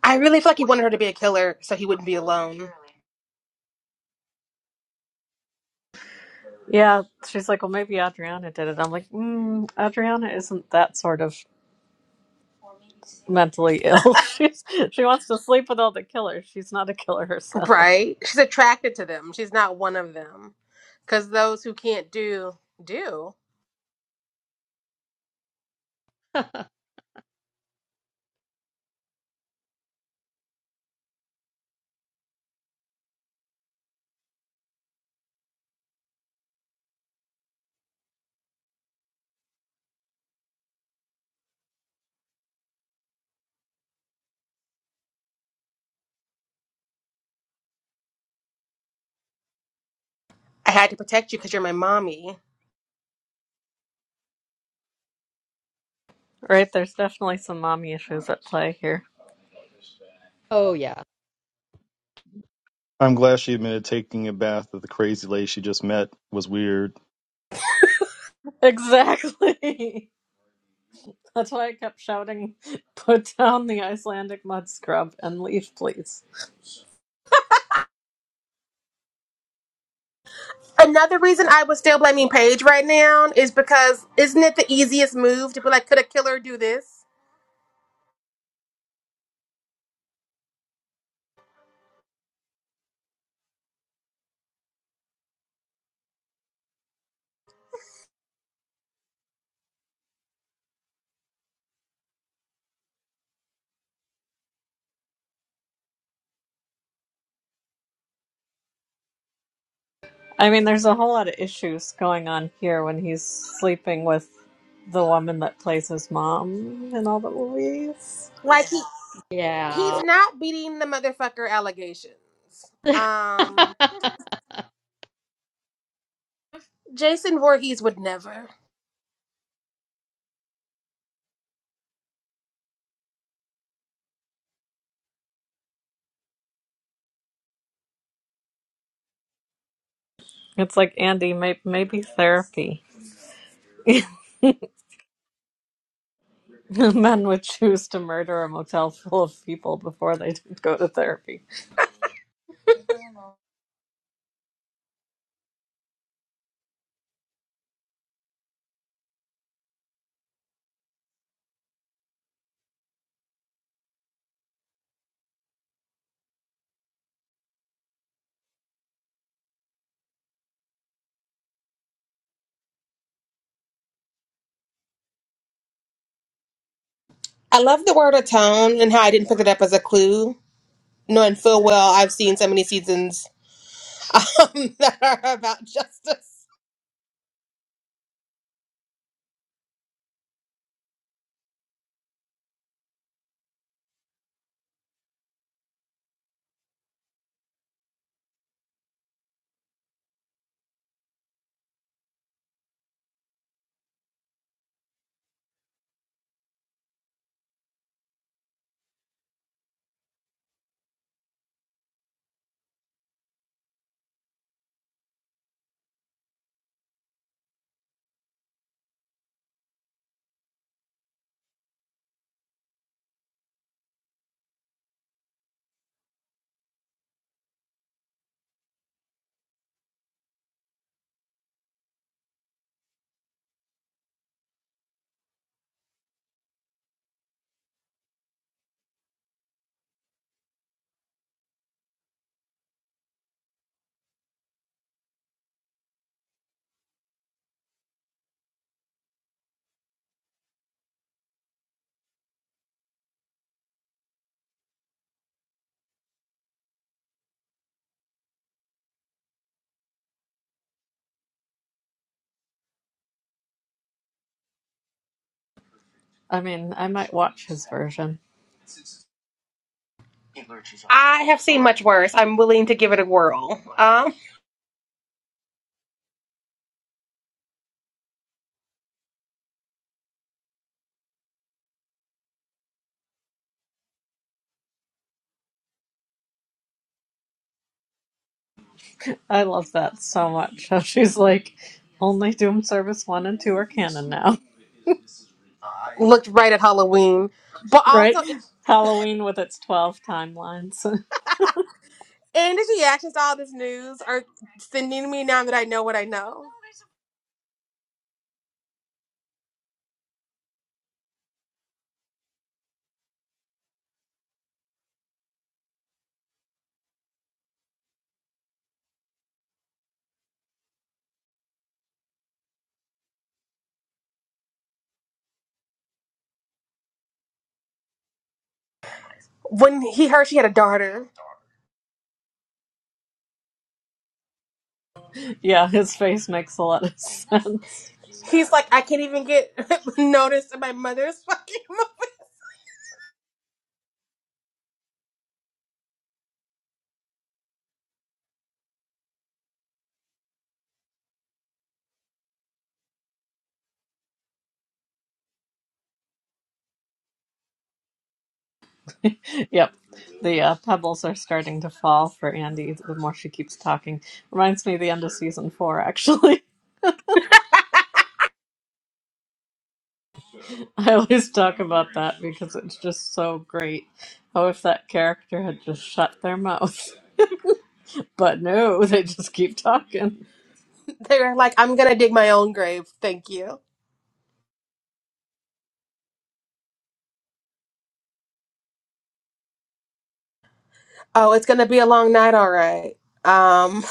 Speaker 1: I really feel like he wanted her to be a killer so he wouldn't be alone.
Speaker 2: Yeah, she's like, well, maybe Adriana did it. I'm like, mm, Adriana isn't that sort of mentally ill. She's she wants to sleep with all the killers. She's not a killer herself,
Speaker 1: Right? She's attracted to them. She's not one of them. Because those who can't do, do. I had to protect you because you're my mommy.
Speaker 2: right? There's definitely some mommy issues at play here.
Speaker 3: Oh yeah.
Speaker 6: I'm glad she admitted taking a bath with the crazy lady she just met was weird.
Speaker 2: Exactly. That's why I kept shouting, "Put down the Icelandic mud scrub and leave, please."
Speaker 1: Another reason I was still blaming Paige right now is because isn't it the easiest move to be like, could a killer do this?
Speaker 2: I mean, there's a whole lot of issues going on here when he's sleeping with the woman that plays his mom in all the movies.
Speaker 1: Like he he's
Speaker 3: Yeah.
Speaker 1: not beating the motherfucker allegations. Um
Speaker 3: I
Speaker 1: Jason Voorhees would never.
Speaker 2: It's like Andy, may- maybe therapy. Men would choose to murder a motel full of people before they did go to therapy.
Speaker 1: I love the word atone and how I didn't pick it up as a clue, knowing full well I've seen so many seasons um, that are about justice.
Speaker 2: I mean, I might watch his version.
Speaker 1: I have seen much worse. I'm willing to give it a whirl. Um,
Speaker 2: I love that so much. How she's like, only Doom Service 1 and 2 are canon now,
Speaker 1: Looked right at Halloween. But
Speaker 2: right?
Speaker 1: also
Speaker 2: Halloween with its 12 timelines.
Speaker 1: and his reactions to all this news are sending me now that I know what I know. When he heard she had a daughter.
Speaker 2: yeah, his face makes a lot of sense.
Speaker 1: He's like, I can't even get noticed in my mother's fucking movie.
Speaker 2: Yep. The uh, pebbles are starting to fall for Andy the more she keeps talking. Reminds me of the end of season four, actually. I always talk about that because it's just so great. Oh, if that character had just shut their mouth. But no, they just keep talking.
Speaker 1: They're like, I'm gonna dig my own grave. Thank you. Oh, it's gonna be a long night, all right. Um,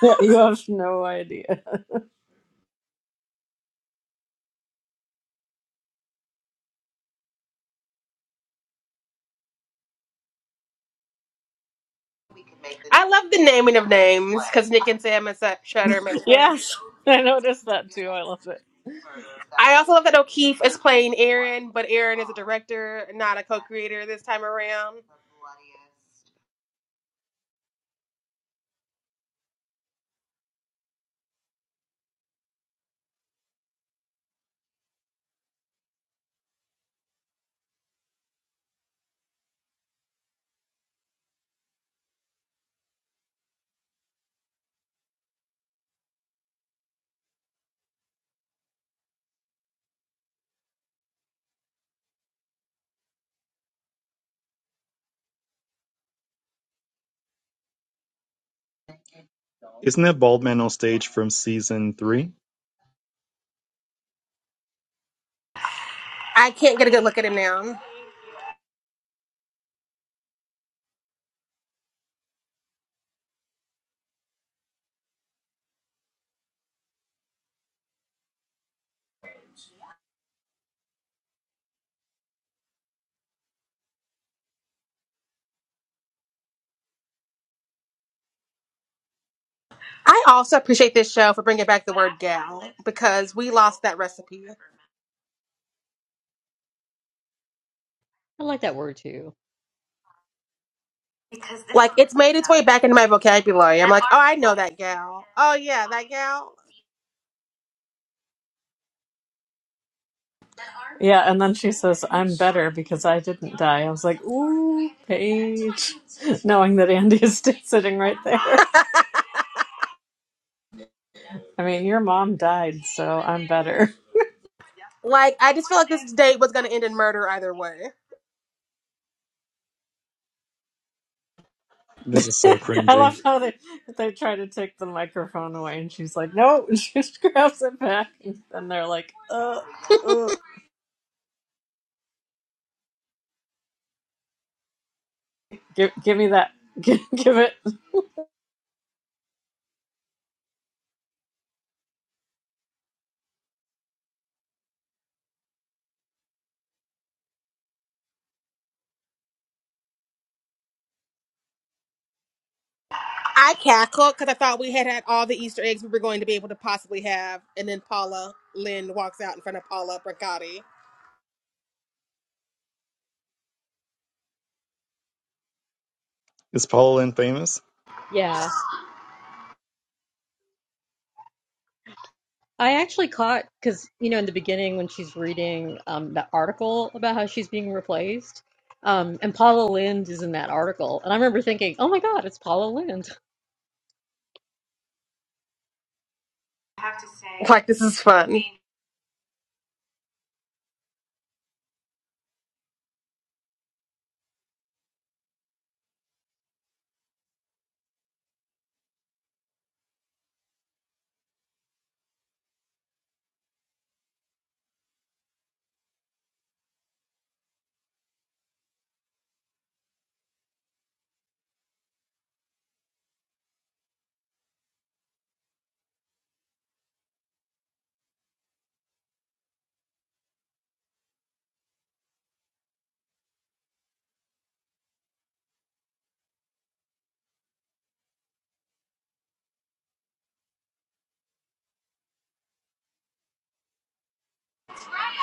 Speaker 2: Yeah, you have no idea.
Speaker 1: I love the naming of names because Nick and Sam and Sa- Shutter make sense.
Speaker 2: Yes, I noticed that too. I love it.
Speaker 1: I also love that O'Keefe is playing Aaron, but Aaron is a director, not a co-creator this time around.
Speaker 6: Isn't that bald man on stage from season three?
Speaker 1: I can't get a good look at him now. I also appreciate this show for bringing back the word gal because we lost that recipe.
Speaker 3: like that word too.
Speaker 1: Because this Like it's made its way back into my vocabulary. I'm like, oh, I know that gal. Oh yeah, that gal.
Speaker 2: Yeah, and then she says, I'm better because I didn't die. I was like, ooh, Paige. Knowing that Andy is still sitting right there. I mean, your mom died, so I'm better.
Speaker 1: Like I just feel like this date was gonna end in murder either way.
Speaker 6: This is so
Speaker 2: I love
Speaker 6: cringy.
Speaker 2: how they they try to take the microphone away, and she's like, "No!" And she just grabs it back, and they're like, "Uh, uh, give give me that, give, give it."
Speaker 1: I cackled because I thought we had had all the Easter eggs we were going to be able to possibly have, and then Paula Lynn walks out in front of Paula Bracati.
Speaker 6: Is Paula infamous?
Speaker 3: Yeah. I actually caught because you know in the beginning when she's reading um that article about how she's being replaced, um and Paula Lind is in that article, and I remember thinking, oh my God, it's Paula Lind.
Speaker 1: Like this is fun.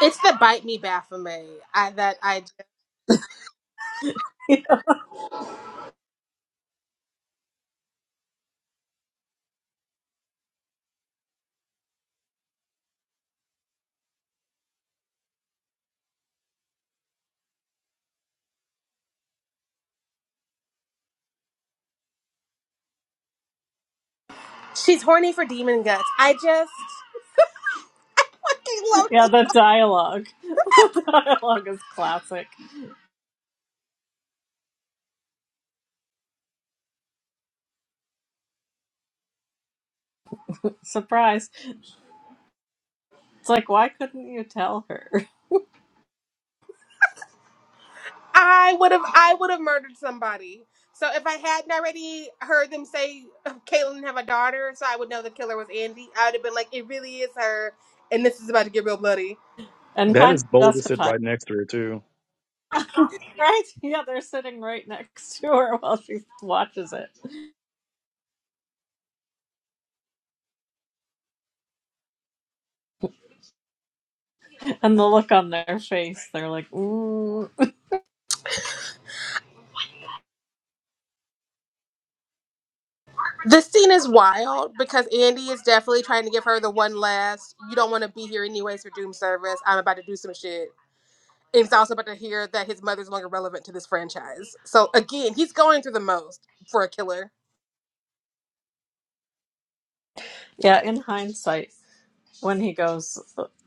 Speaker 1: It's the bite me Baphomet. I that I she's horny for demon guts. I just I love
Speaker 2: yeah, the dialogue, the dialogue is classic. Surprise! It's like, why couldn't you tell her?
Speaker 1: I would have I would have murdered somebody. So if I hadn't already heard them say Caitlyn have a daughter, so I would know the killer was Andy. I would have been like, it really is her, and this is about to get real bloody.
Speaker 2: And
Speaker 6: That
Speaker 2: kind of
Speaker 6: is bold listed
Speaker 2: justified.
Speaker 6: right next to her, too.
Speaker 2: Right? Yeah, they're sitting right next to her while she watches it. And the look on their face, they're like, "Ooh."
Speaker 1: This scene is wild because Andy is definitely trying to give her the one last. You don't want to be here anyways for Doom service. I'm about to do some shit. And he's also about to hear that his mother's no longer relevant to this franchise. So again, he's going through the most for a killer.
Speaker 2: yeah, in hindsight, when he goes,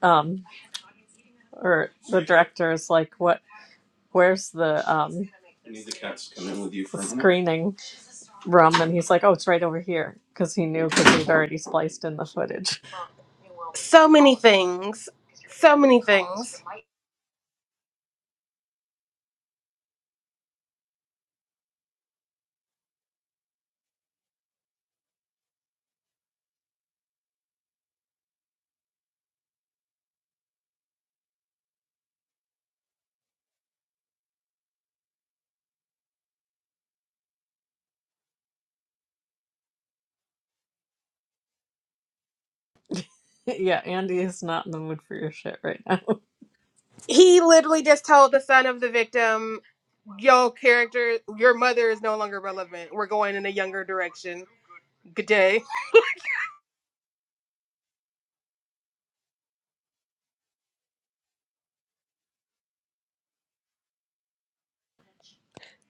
Speaker 2: um, or the director is like, "What? Where's the um I need the cats to come in with you for a moment. screening room?" And he's like, "Oh, it's right over here," because he knew because he'd already spliced in the footage.
Speaker 1: So many things. So many things.
Speaker 2: yeah, Andy is not in the mood for your shit right now.
Speaker 1: He literally just told the son of the victim, "Yo, character, your mother is no longer relevant. We're going in a younger direction. Good day."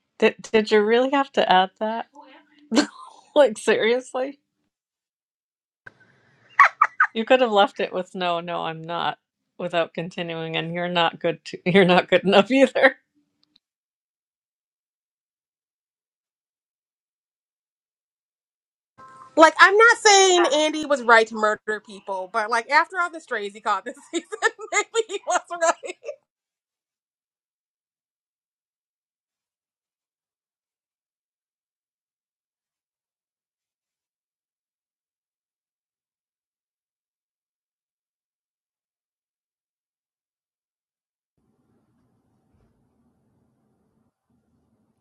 Speaker 2: Did Did you really have to add that? like seriously, you could have left it with "No, no, I'm not," without continuing, and you're not good. To, you're not good enough either.
Speaker 1: Like, I'm not saying Andy was right to murder people, but like after all the strays he caught this season, maybe he was right.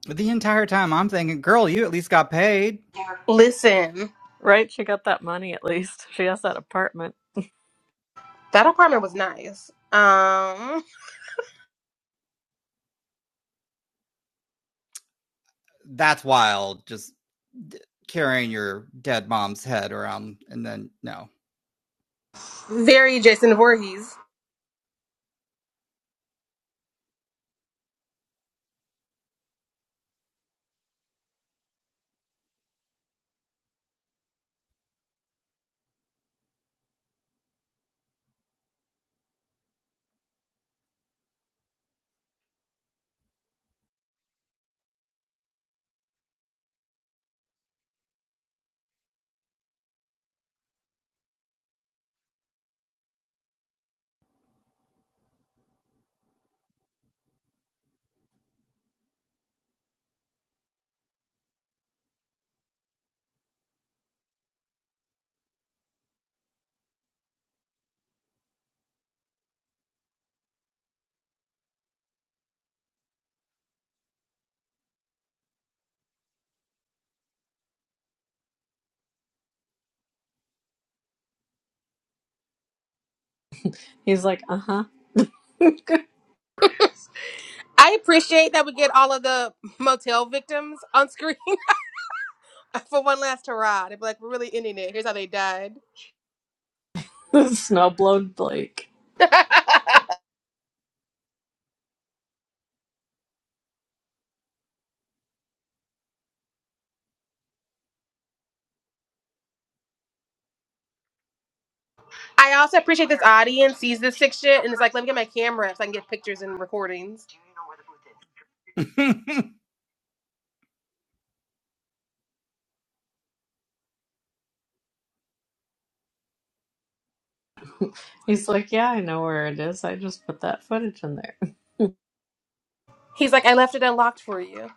Speaker 4: the entire time I'm thinking, girl, you at least got paid.
Speaker 1: Listen,
Speaker 2: Right? She got that money at least. She has that apartment.
Speaker 1: that apartment was nice. Um,
Speaker 4: that's wild. Just d- carrying your dead mom's head around and then no.
Speaker 1: very Jason Voorhees.
Speaker 2: He's like, uh huh.
Speaker 1: I appreciate that we get all of the motel victims on screen for one last hurrah. They'd be like, "We're really ending it. Here's how they died."
Speaker 2: The snowblown Blake.
Speaker 1: I also appreciate this audience sees this sick shit and it's like, let me get my camera so I can get pictures and recordings.
Speaker 2: He's like, yeah, I know where it is. I just put that footage in there.
Speaker 1: He's like, I left it unlocked for you.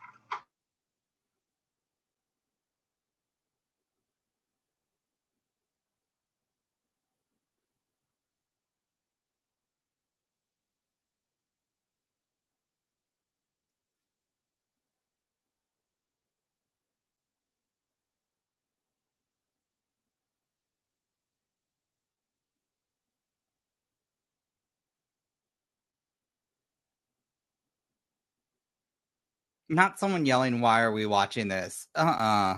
Speaker 4: Not someone yelling, "Why are we watching this?" Uh uh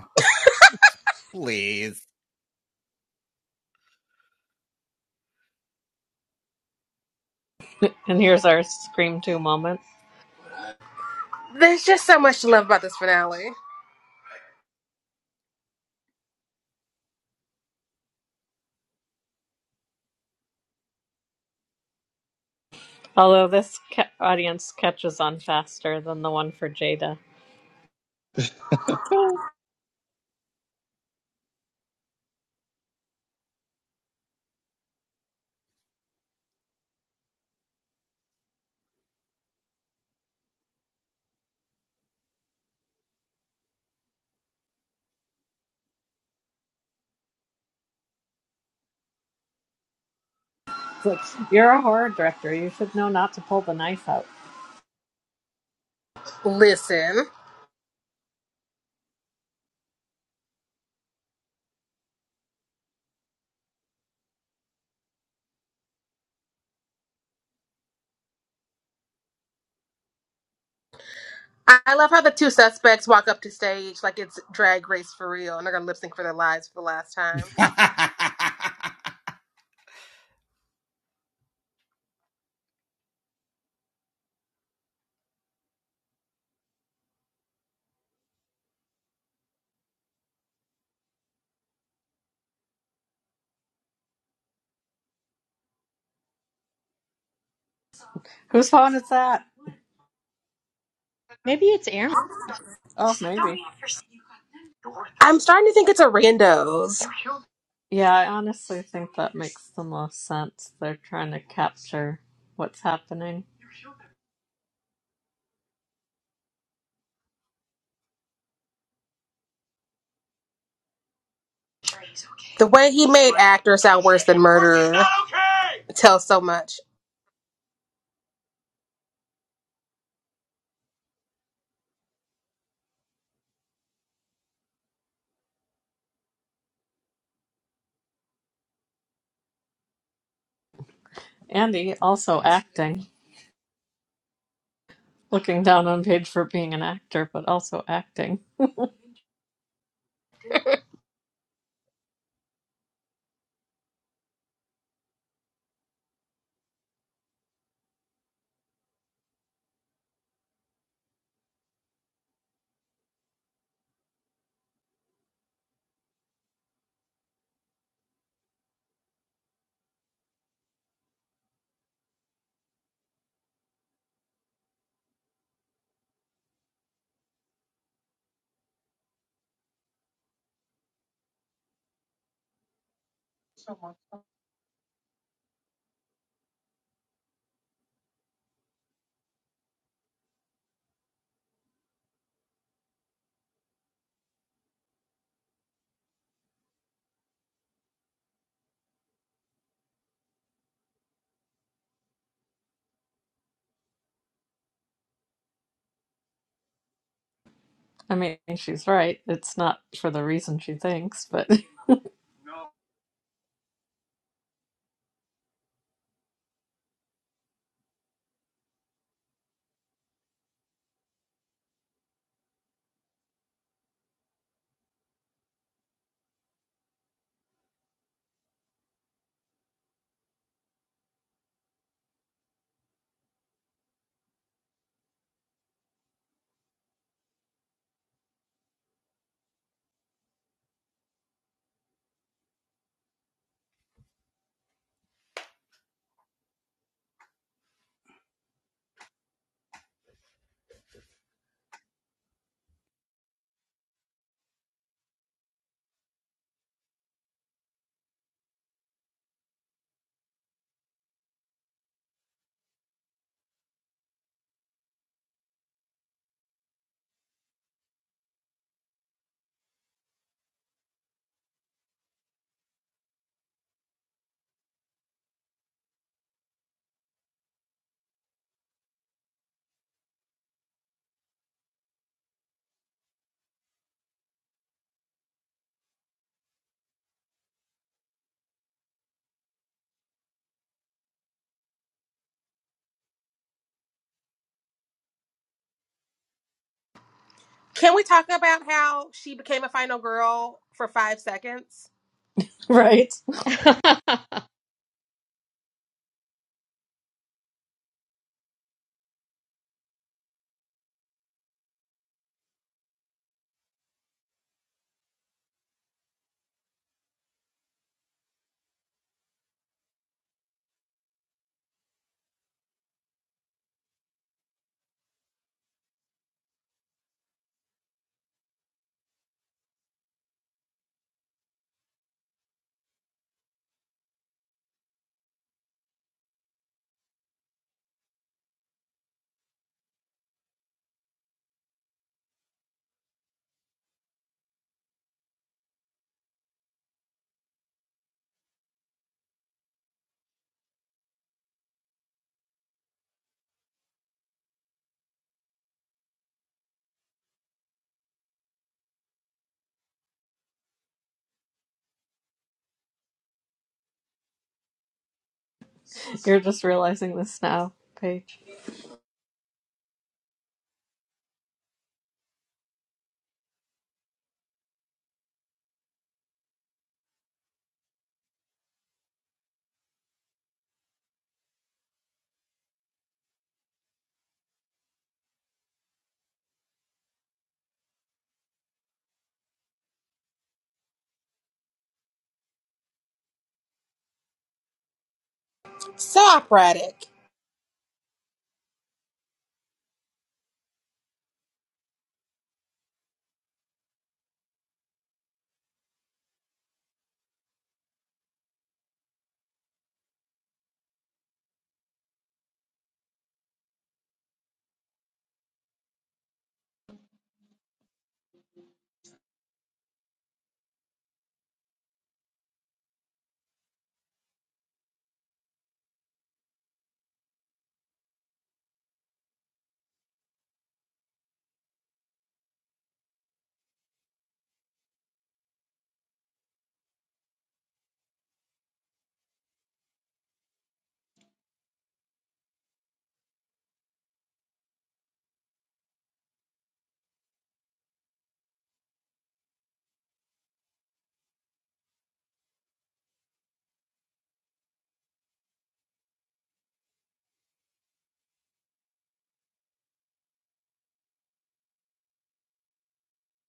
Speaker 4: please.
Speaker 2: And here's our Scream 2 moment.
Speaker 1: There's just so much to love about this finale.
Speaker 2: Although this ca- audience catches on faster than the one for Jada. It's like, you're a horror director. You should know not to pull the knife out.
Speaker 1: Listen, I I love how the two suspects walk up to stage like it's drag race for real and they're gonna lip sync for their lives for the last time.
Speaker 2: Whose phone is that?
Speaker 3: Maybe it's Aaron.
Speaker 2: Oh, maybe.
Speaker 1: I'm starting to think it's a randos.
Speaker 2: Yeah, I honestly think that makes the most sense. They're trying to capture what's happening.
Speaker 1: The way he made actor sound worse than murderer tells so much.
Speaker 2: Andy, also acting. Looking down on Paige for being an actor, but also acting. I mean, she's right. It's not for the reason she thinks, but
Speaker 1: Can we talk about how she became a final girl for five seconds?
Speaker 2: right. You're just realizing this now, Paige.
Speaker 1: So operatic.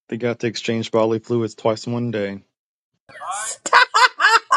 Speaker 6: They got to exchange bodily fluids twice in one day.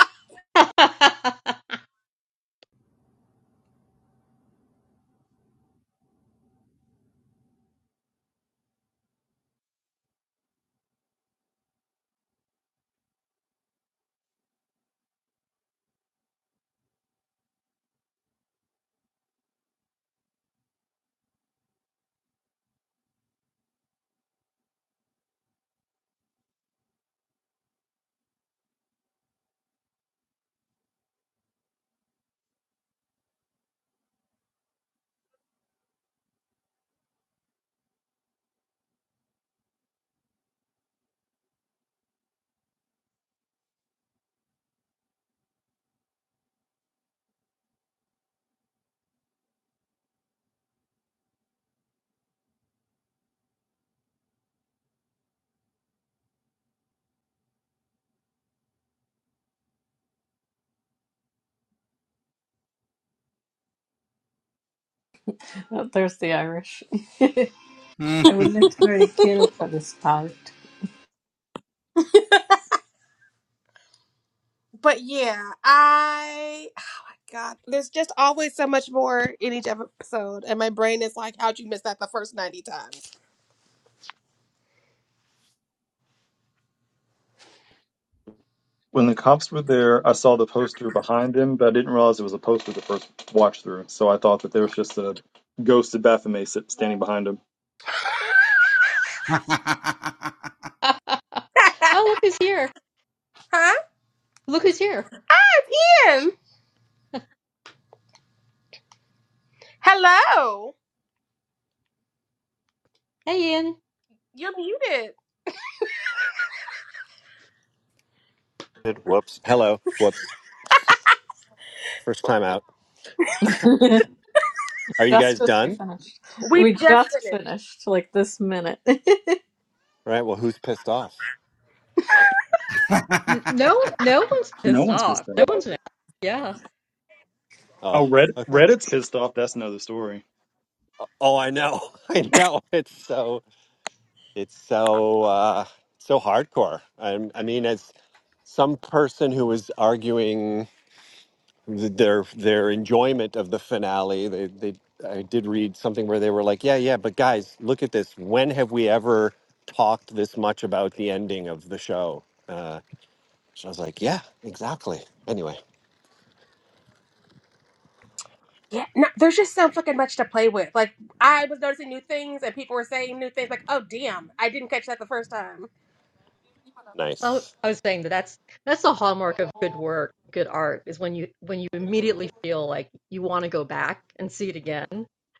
Speaker 2: Oh, there's the Irish. I would literally kill for this part.
Speaker 1: But yeah, I oh my god, there's just always so much more in each episode, and my brain is like, "How'd you miss that the first ninety times?"
Speaker 6: When the cops were there, I saw the poster behind them, but I didn't realize it was a poster the first watch through, so I thought that there was just a ghost of Baphomet sit- standing behind him.
Speaker 1: huh?
Speaker 3: Oh look who's here!
Speaker 1: Ah,
Speaker 3: Look who's here!
Speaker 1: Ian. Hello,
Speaker 3: Hey Ian.
Speaker 1: you're muted.
Speaker 7: Whoops. Hello. Whoops. First time out.
Speaker 2: just
Speaker 7: Are you guys
Speaker 2: as we
Speaker 7: done?
Speaker 2: finished.
Speaker 1: We
Speaker 2: We
Speaker 1: just
Speaker 2: just
Speaker 1: finished.
Speaker 2: finished, like this minute.
Speaker 7: All right. Well, who's pissed off?
Speaker 3: N- No, no one's
Speaker 6: No
Speaker 3: pissed
Speaker 6: one's
Speaker 3: off.
Speaker 6: pissed off.
Speaker 3: No one's mad. Yeah.
Speaker 7: Oh,
Speaker 6: Oh, Red-
Speaker 7: okay.
Speaker 6: Reddit's pissed off. That's another story.
Speaker 7: Oh, I know. I know. It's so, it's so, uh, so hardcore. I, I mean, as some person who was arguing th- their, their enjoyment of the finale, they, they, I did read something where they were like, yeah, yeah, but guys, look at this. When have we ever talked this much about the ending of the show? Uh, so I was like, yeah, exactly. Anyway,
Speaker 1: Yeah, no, there's just so fucking much to play with. Like I was noticing new things, and people were saying new things. Like, oh damn, I didn't catch that the first time.
Speaker 3: Well,
Speaker 7: nice.
Speaker 3: I was saying that that's that's the hallmark of good work, good art, is when you when you immediately feel like you want to go back and see it again,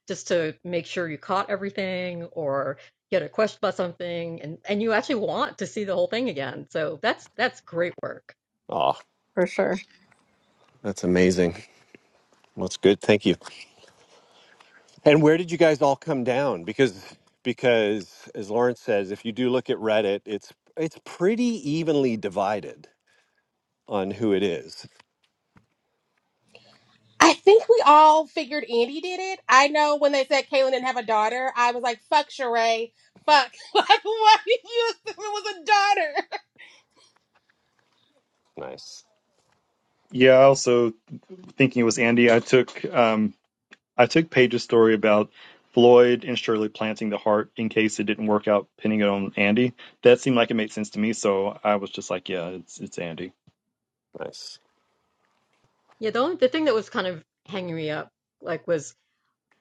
Speaker 3: just to make sure you caught everything or you had a question about something, and and you actually want to see the whole thing again. So that's that's great work.
Speaker 7: Oh,
Speaker 2: for sure.
Speaker 7: that's amazing. Well, that's good. Thank you. And where did you guys all come down? Because because as Lawrence says, if you do look at Reddit, it's it's pretty evenly divided on who it is.
Speaker 1: I think we all figured Andy did it. I know when they said Kaylin didn't have a daughter, I was like, fuck Sheree. Fuck. Like, why did you assume it was a daughter?
Speaker 7: Nice.
Speaker 6: Yeah, I also thinking it was Andy. I took um, I took Paige's story about Floyd and Shirley planting the heart in case it didn't work out, pinning it on Andy. That seemed like it made sense to me, so I was just like, yeah, it's it's Andy.
Speaker 7: Nice.
Speaker 3: Yeah, the only the thing that was kind of hanging me up like was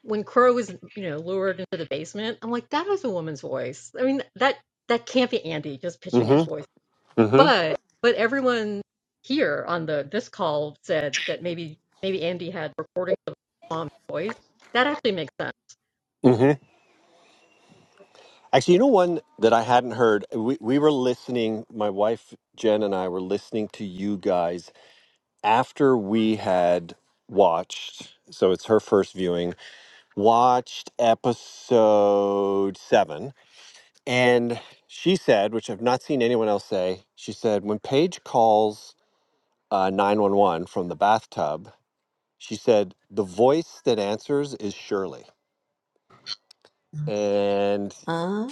Speaker 3: when Crow was you know lured into the basement. I'm like, that was a woman's voice. I mean that that can't be Andy just pitching his
Speaker 7: Mm-hmm.
Speaker 3: voice
Speaker 7: Mm-hmm.
Speaker 3: but but everyone here on the this call said that maybe maybe Andy had recordings of mom voice That actually makes sense.
Speaker 7: Mm-hmm. Actually, you know one that I hadn't heard. We we were listening, my wife Jen and I were listening to you guys after we had watched, so it's her first viewing, watched episode seven And she said, which I've not seen anyone else say, she said, when Paige calls uh, 911 from the bathtub, she said, the voice that answers is Shirley. And
Speaker 2: Ah,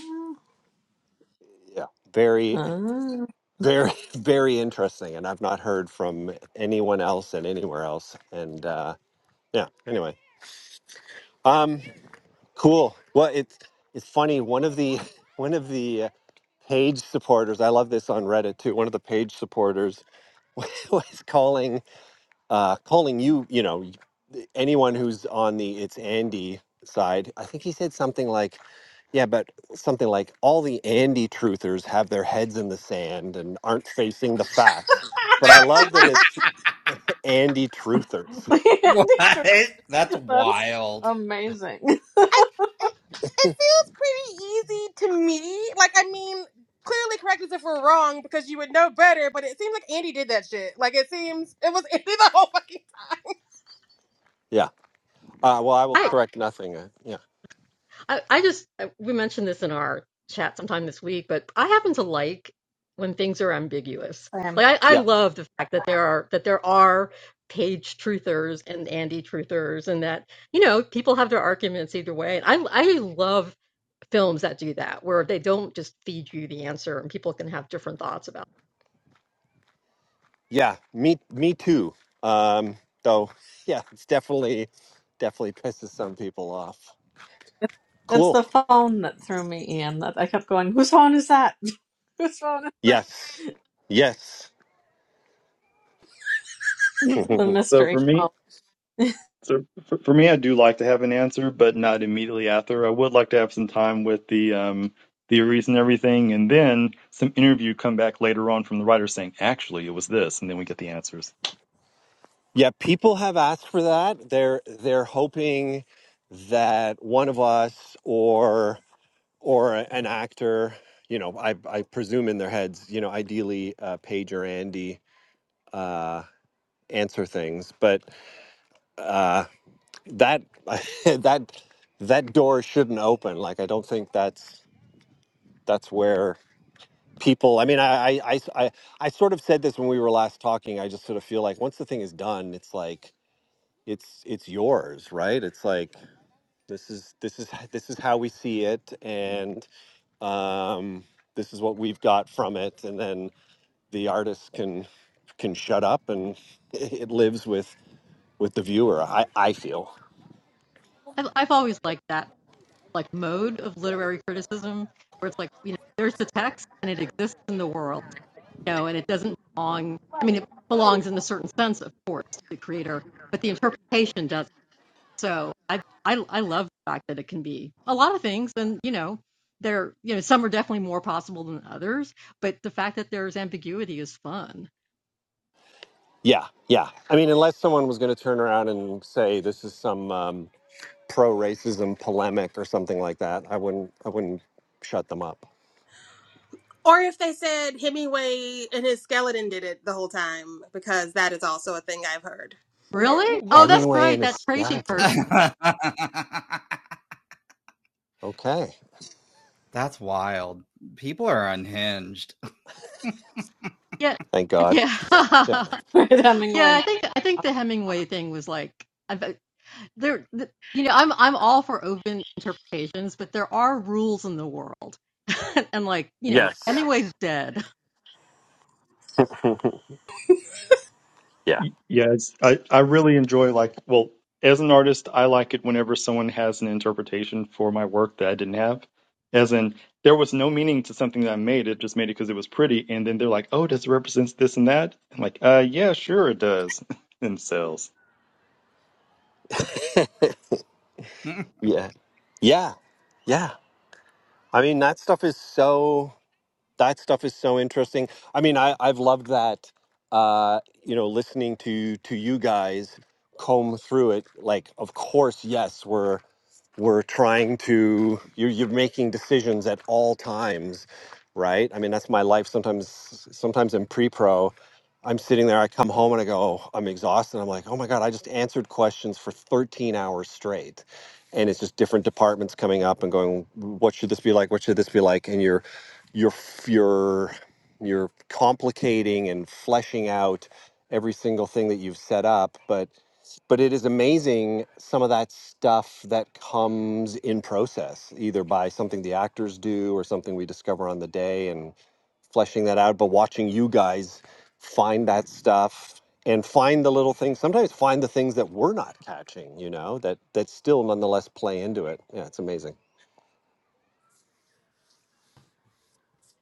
Speaker 7: yeah, very,
Speaker 2: ah.
Speaker 7: very, very interesting. And I've not heard from anyone else and anywhere else. And uh, yeah, anyway. Um, cool. Well, it's, it's funny. One of the, one of the, uh, page supporters i love this on reddit too one of the page supporters was calling uh, calling you, you know, anyone who's on the it's Andy side, I think he said something like, yeah, but something like all the Andy truthers have their heads in the sand and aren't facing the facts. But I love that it's Andy truthers.
Speaker 4: what? That's
Speaker 2: That's
Speaker 4: wild.
Speaker 2: amazing.
Speaker 1: I, it, it feels pretty easy to me. Like, I mean, clearly correct us if we're wrong because you would know better, but it seems like Andy did that shit. Like, it seems it was Andy the whole fucking time.
Speaker 7: Yeah. Uh, well, I will
Speaker 3: I,
Speaker 7: correct nothing. Uh, yeah.
Speaker 3: I I just uh, we mentioned this in our chat sometime this week, but I happen to like when things are ambiguous.
Speaker 2: Sam.
Speaker 3: Like I, I
Speaker 7: Yeah.
Speaker 3: love the fact that there are that there are page truthers and Andy truthers, and that you know people have their arguments either way. And I I love films that do that where they don't just feed you the answer and people can have different thoughts about
Speaker 7: Yeah. Me, me too. Um, so yeah, it's definitely, definitely pisses some people off.
Speaker 2: It's
Speaker 7: Cool.
Speaker 2: the phone that threw me in. That I kept going, whose phone is that? whose phone is that?
Speaker 7: Yes. Yes.
Speaker 2: the
Speaker 6: So for
Speaker 2: mystery
Speaker 6: me,
Speaker 2: poem
Speaker 6: so for, for me, I do like to have an answer, but not immediately after. I would like to have some time with the um, theories and everything, and then some interview come back later on from the writer saying, actually, it was this, and then we get the answers.
Speaker 7: Yeah, people have asked for that. They're they're hoping that one of us or or an actor, you know, I I presume in their heads, you know, ideally uh, Paige or Andy uh, answer things, but uh, that that that door shouldn't open. Like I don't think that's that's where people. I mean, I I I I I sort of said this when we were last talking. I just sort of feel like once the thing is done, it's like it's it's yours right it's like this is this is this is how we see it and um, this is what we've got from it and then the artist can can shut up and it lives with with the viewer i i feel
Speaker 3: I've, I've always liked that like mode of literary criticism where it's like you know there's the text and it exists in the world you know and it doesn't belong i mean it belongs in a certain sense of course to the creator but the interpretation does so I, I I love the fact that it can be a lot of things, and you know, there you know some are definitely more possible than others, but the fact that there's ambiguity is fun.
Speaker 7: yeah yeah i mean unless someone was going to turn around and say this is some um, pro racism polemic or something like that i wouldn't i wouldn't shut them up
Speaker 1: Or if they said Hemingway and his skeleton did it the whole time, because that is also a thing I've heard.
Speaker 3: Really?
Speaker 4: what?
Speaker 3: Oh, that's
Speaker 7: hemingway
Speaker 3: right,
Speaker 7: and a
Speaker 3: that crazy
Speaker 7: skeleton
Speaker 3: person.
Speaker 7: okay
Speaker 4: That's wild. People are unhinged.
Speaker 3: Yeah,
Speaker 7: thank god yeah
Speaker 3: yeah.
Speaker 2: with Hemingway.
Speaker 3: Yeah,
Speaker 2: My
Speaker 3: I think I think
Speaker 2: arm.
Speaker 3: the Hemingway thing was like I there. th- You know, I'm I'm all for open interpretations, but there are rules in the world, and like you know,
Speaker 7: yes
Speaker 3: Hemingway's dead.
Speaker 7: Yeah.
Speaker 6: Y- Yeah, it's, I, I really enjoy like well, as an artist, I like it whenever someone has an interpretation for my work that I didn't have. As in, there was no meaning to something that I made. It just made it because it was pretty, and then they're like, "Oh, does it represent this and that?" I'm like, "Uh, yeah, sure, it does." and sells.
Speaker 7: yeah yeah yeah I mean, that stuff is so that stuff is so interesting. I mean, I I've loved that. Uh, you know, listening to to you guys comb through it. Like, of course, yes, we're we're trying to you're, you're making decisions at all times right i mean that's my life sometimes sometimes in pre-pro i'm sitting there i come home and i go "Oh, i'm exhausted i'm like oh my god i just answered questions for 13 hours straight and it's just different departments coming up and going what should this be like what should this be like and you're you're f- you're you're complicating and fleshing out every single thing that you've set up but but it is amazing some of that stuff that comes in process either by something the actors do or something we discover on the day and fleshing that out but watching you guys find that stuff and find the little things sometimes find the things that we're not catching you know that that still nonetheless play into it yeah it's amazing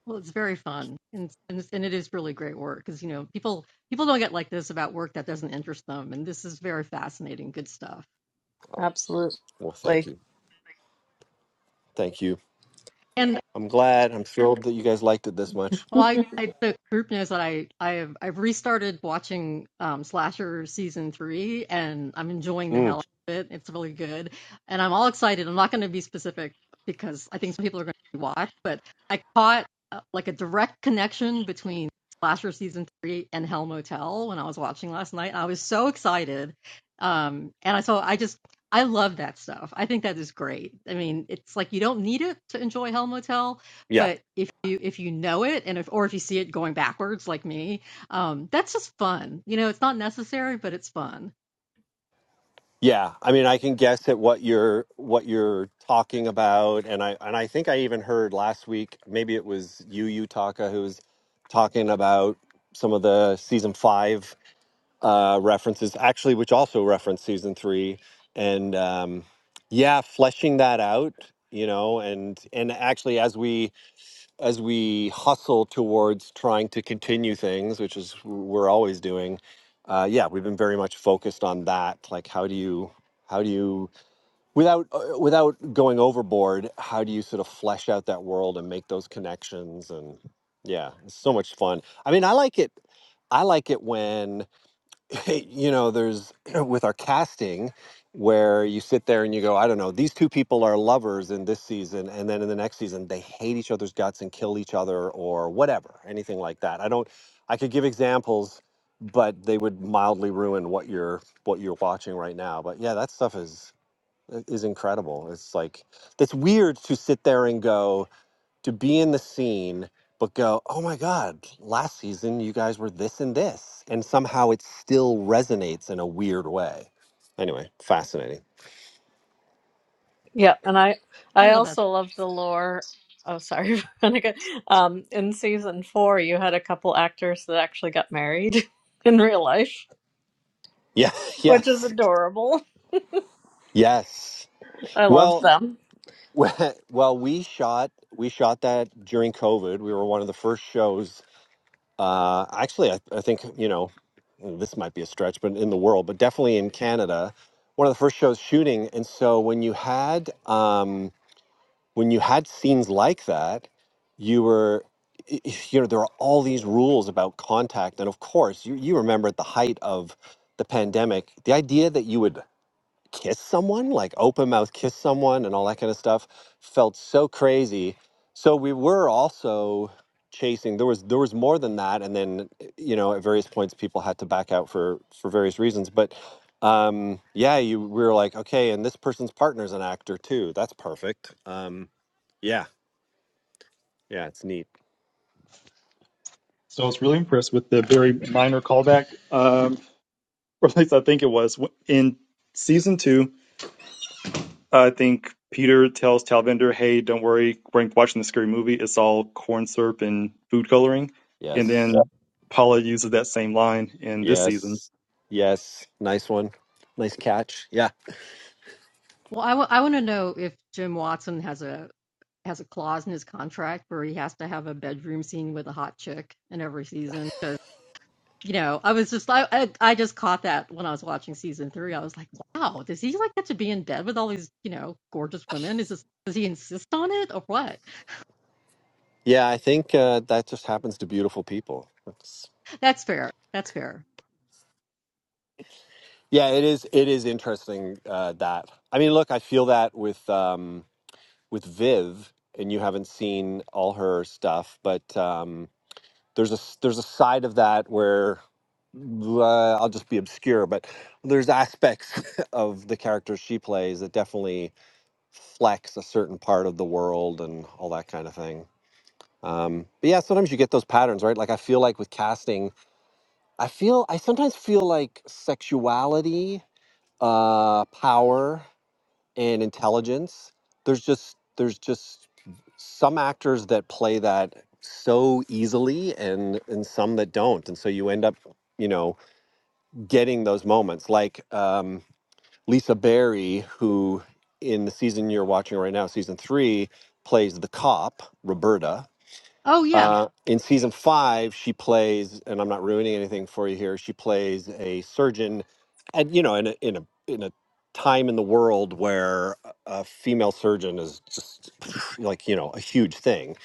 Speaker 3: Well, it's very fun, and and, it's- and it is really great work because you know people people don't get like this about work that doesn't interest them, and this is very fascinating, good stuff.
Speaker 7: well thank
Speaker 2: Absolutely.
Speaker 7: you thank you
Speaker 3: And.
Speaker 7: i'm glad i'm thrilled that you guys liked it this much
Speaker 3: Well, I, I the group knows that I I have I've restarted watching um, Slasher season three, and I'm enjoying the hell
Speaker 7: Mm,
Speaker 3: out of it. It's really good, and I'm all excited. I'm not going to be specific because I think some people are going to watch, but I caught uh, like a direct connection between Slasher season three and Hell Motel when I was watching last night. I was so excited, um, and I so I just I love that stuff. I think that is great. I mean, it's like you don't need it to enjoy Hell Motel
Speaker 7: yeah
Speaker 3: but if you if you know it and if or if you see it going backwards like me, um, that's just fun. You know, it's not necessary, but it's fun.
Speaker 7: Yeah, I mean, I can guess at what you're what you're talking about, and I and I think I even heard last week. Maybe it was Yu Utaka, who was talking about some of the season five uh, references, actually, which also reference season three. And um, yeah, fleshing that out, you know, and and actually, as we as we hustle towards trying to continue things, which is we're always doing, uh, yeah, we've been very much focused on that. Like, how do you, how do you, without uh, without going overboard, how do you sort of flesh out that world and make those connections? And yeah, it's so much fun. I mean, I like it. I like it when Hey, you know, there's with our casting where you sit there and you go, I don't know, these two people are lovers in this season, and then in the next season they hate each other's guts and kill each other or whatever, anything like that. I don't, I could give examples, but they would mildly ruin what you're what you're watching right now. But yeah, that stuff is is incredible. It's like it's weird to sit there and go to be in the scene but go oh my god last season you guys were this and this and somehow it still resonates in a weird way anyway fascinating
Speaker 2: Yeah, and I
Speaker 3: I
Speaker 2: I
Speaker 3: love that.
Speaker 2: also love the lore. Oh, sorry, Veronica. Um, in season four, you had a couple actors that actually got married in real life,
Speaker 7: yeah
Speaker 2: which is
Speaker 7: yes
Speaker 2: adorable.
Speaker 7: yes
Speaker 2: I love
Speaker 7: well
Speaker 2: them.
Speaker 7: well we shot we shot that during covid we were one of the first shows uh actually i, I think you know this might be a stretch but in the world but definitely in canada one of the first shows shooting and so when you had um when you had scenes like that, you were, y- y- you know, there are all these rules about contact. And of course, you, you remember at the height of the pandemic, the idea that you would kiss someone, like open mouth kiss someone and all that kind of stuff, felt so crazy. So we were also chasing there was there was more than that and then you know at various points people had to back out for for various reasons but um yeah you we were like okay and this person's partner's an actor too that's perfect um yeah yeah it's neat
Speaker 6: So I was really impressed with the very minor callback, um, or at least I think it was w- in season two. I think Peter tells Talvinder, "Hey, don't worry, we're watching the scary movie. It's all corn syrup and food coloring." And Yeah. then
Speaker 7: yes
Speaker 6: yeah. Paula uses that same line in this season.
Speaker 7: yes yes nice one nice catch yeah
Speaker 3: Well, I want to know if Jim Watson has a has a clause in his contract where he has to have a bedroom scene with a hot chick in every season 'cause you know, I was just I, I I just caught that when I was watching season three. I was like, wow, does he like get to be in bed with all these you know gorgeous women? Is this does he insist on it or what?
Speaker 7: yeah i think uh, that just happens to beautiful people That's
Speaker 3: That's fair. That's fair.
Speaker 7: Yeah, it is. It is interesting uh, that I mean, look, I feel that with um, with Viv, and you haven't seen all her stuff, but um, there's a s- there's a side of that where uh, I'll just be obscure, but there's aspects of the character she plays that definitely flex a certain part of the world and all that kind of thing. Um, but yeah, sometimes you get those patterns, right? Like I feel like with casting, I feel I sometimes feel like sexuality uh, power and intelligence. There's just there's just some actors that play that so easily, and and some that don't, and so you end up you know getting those moments like um, Lisa Barry, who in the season you're watching right now, season three, plays the cop Roberta,
Speaker 3: Oh yeah.
Speaker 7: uh, in season five, she plays, and I'm not ruining anything for you here. She plays a surgeon, and you know, in a in a in a time in the world where a a female surgeon is just like you know a huge thing.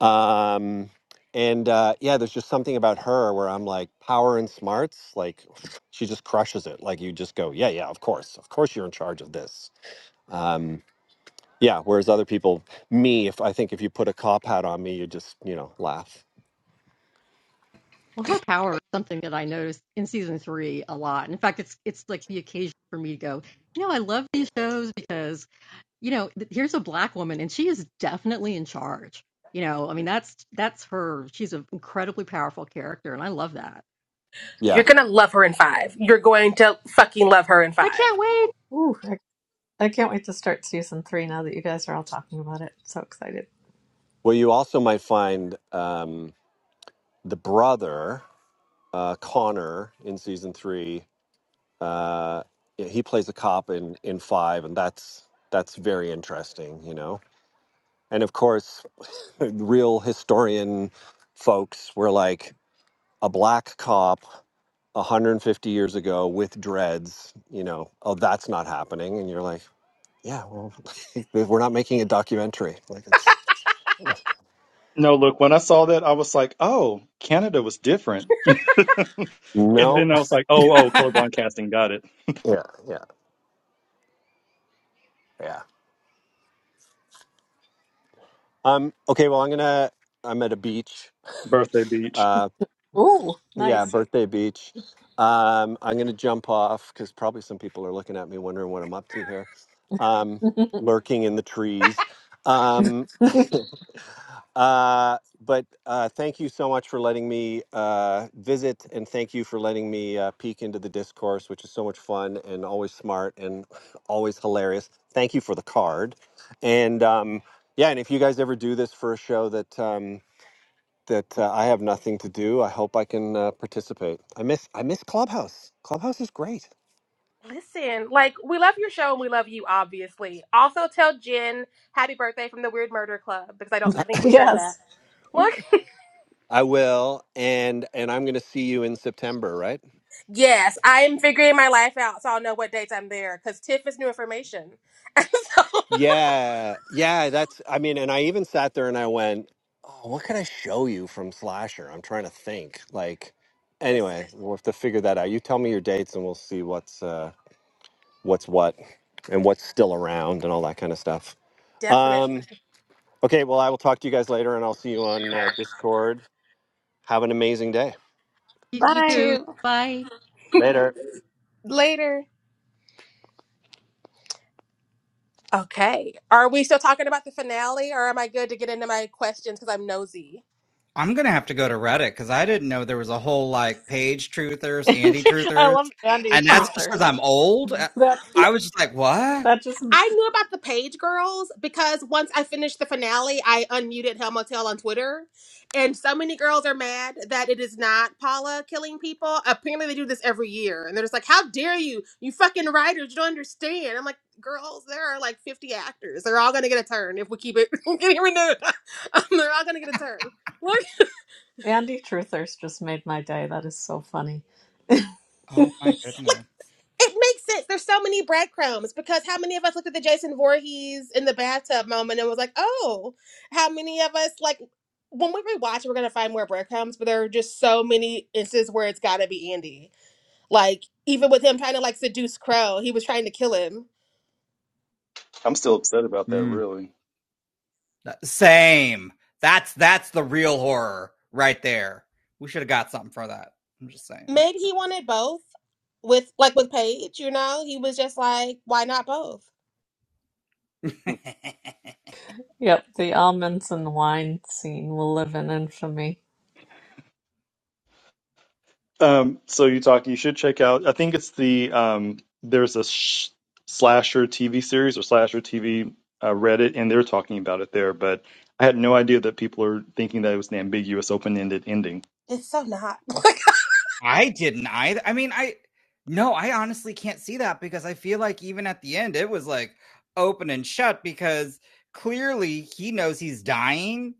Speaker 7: Um, and uh, yeah, there's just something about her where I'm like power and smarts. Like she just crushes it. Like you just go, yeah, yeah, of course, of course, you're in charge of this. Um, yeah. Whereas other people, me, if I think if you put a cop hat on me, you just you know laugh.
Speaker 3: Well, her power is something that I noticed in season three a lot. And in fact, it's it's like the occasion for me to go. You know, I love these shows because you know here's a black woman and she is definitely in charge. You know, I mean that's that's her. She's an incredibly powerful character, and I love that.
Speaker 1: You're
Speaker 7: Yeah.
Speaker 1: gonna love her in five. You're going to fucking love her in
Speaker 3: I
Speaker 1: five.
Speaker 3: can't wait.
Speaker 2: Ooh, I, I can't wait to start season three now that you guys are all talking about it. So excited.
Speaker 7: Well, you also might find um, the brother, uh, Connor, in season three. Uh, yeah, he plays a cop in, in five, and that's that's very interesting, you know. And of course, real historian folks were like a black cop 150 years ago with dreads. You know, oh, that's not happening, and you're like, yeah, well, we're not making a documentary. Like it's
Speaker 6: No, look, when I saw that, I was like, "Oh, Canada was different." and
Speaker 7: no,
Speaker 6: then I was like, "Oh, oh, colorblind casting, got it."
Speaker 7: yeah, yeah, yeah. Um. Okay. Well, I'm gonna. I'm at a beach.
Speaker 6: Birthday Beach.
Speaker 7: Uh.
Speaker 2: Ooh,
Speaker 7: Yeah.
Speaker 2: nice.
Speaker 7: Birthday beach. Um. I'm gonna jump off because probably some people are looking at me wondering what I'm up to here. Um. Lurking in the trees. Um. Uh. But uh, thank you so much for letting me uh, visit, and thank you for letting me uh, peek into the discourse, which is so much fun and always smart and always hilarious. Thank you for the card, and um, yeah, and if you guys ever do this for a show that um, that uh, I have nothing to do. I hope I can uh, participate. I miss I miss Clubhouse. Clubhouse is great.
Speaker 1: Listen, like we love your show and we love you, obviously. Also, tell Jen happy birthday from the Weird Murder Club because I
Speaker 7: I,
Speaker 1: don't think we said that.
Speaker 2: yes.
Speaker 1: Look,
Speaker 7: I will, and and I'm going to see you in September, right?
Speaker 1: yes, I am figuring my life out, so I'll know what dates I'm there because Tiff is new information. And so,
Speaker 7: Yeah, yeah. That's I mean, and I even sat there and I went, oh, what can I show you from Slasher? I'm trying to think. Like,
Speaker 1: listen,
Speaker 7: anyway, we'll have to figure that out. You tell me your dates, and we'll see what's uh, what's what, and what's still around, and all that kind of stuff.
Speaker 1: definitely.
Speaker 7: Um, okay, well, I will talk to you guys later, and I'll see you on uh, Discord. Have an amazing day.
Speaker 3: He's
Speaker 1: You
Speaker 2: Bye.
Speaker 3: true
Speaker 1: too.
Speaker 3: life.
Speaker 7: Later.
Speaker 1: Later. Okay. Are we still talking about the finale, or am I good to get into my questions because I'm nosy?
Speaker 4: I'm gonna have to go to Reddit because I didn't know there was a whole like page truthers, anti
Speaker 2: I
Speaker 4: truthers,
Speaker 2: love Andy
Speaker 4: and
Speaker 1: Oh.
Speaker 4: that's just
Speaker 2: Truthers.
Speaker 4: because I'm old. Uh,
Speaker 2: That
Speaker 4: I was just like, what?
Speaker 2: that just
Speaker 1: I knew about the Page Girls because once I finished the finale, I unmuted Hell Motel on Twitter, and so many girls are mad that it is not Paula killing people. Apparently, they do this every year, and they're just like, "How dare you? You fucking writers, you don't understand." I'm like, "Girls, there are like 50 actors. They're all gonna get a turn if we keep it getting renewed. Um, they're all gonna get a turn."
Speaker 2: Andy Truthers just made my day. That is so funny.
Speaker 4: Oh my goodness.
Speaker 1: It makes sense. There's so many breadcrumbs because how many of us looked at the Jason Voorhees in the bathtub moment and was like, oh, how many of us, like, when we rewatch, we're going to find more breadcrumbs, but there are just so many instances where it's got to be Andy. Like, even with him trying to, like, seduce Crow, he was trying to kill him.
Speaker 6: I'm still upset about that,
Speaker 4: Mm,
Speaker 6: really.
Speaker 4: that- same. That's that's the real horror right there. We should have got something for that. I'm just saying.
Speaker 1: Maybe he wanted both with, like, with Paige, you know? He was just like, why not both?
Speaker 2: Yep, the almonds and wine scene will live in infamy.
Speaker 6: Um, so you talk, you should check out. I think it's the um, there's a sh slasher TV series or slasher TV uh, Reddit, and they're talking about it there. But I had no idea that people are thinking that it was an ambiguous, open-ended ending.
Speaker 1: It's so not.
Speaker 4: I didn't either. I mean, I no, I honestly can't see that because I feel like even at the end it was like open and shut because clearly he knows he's dying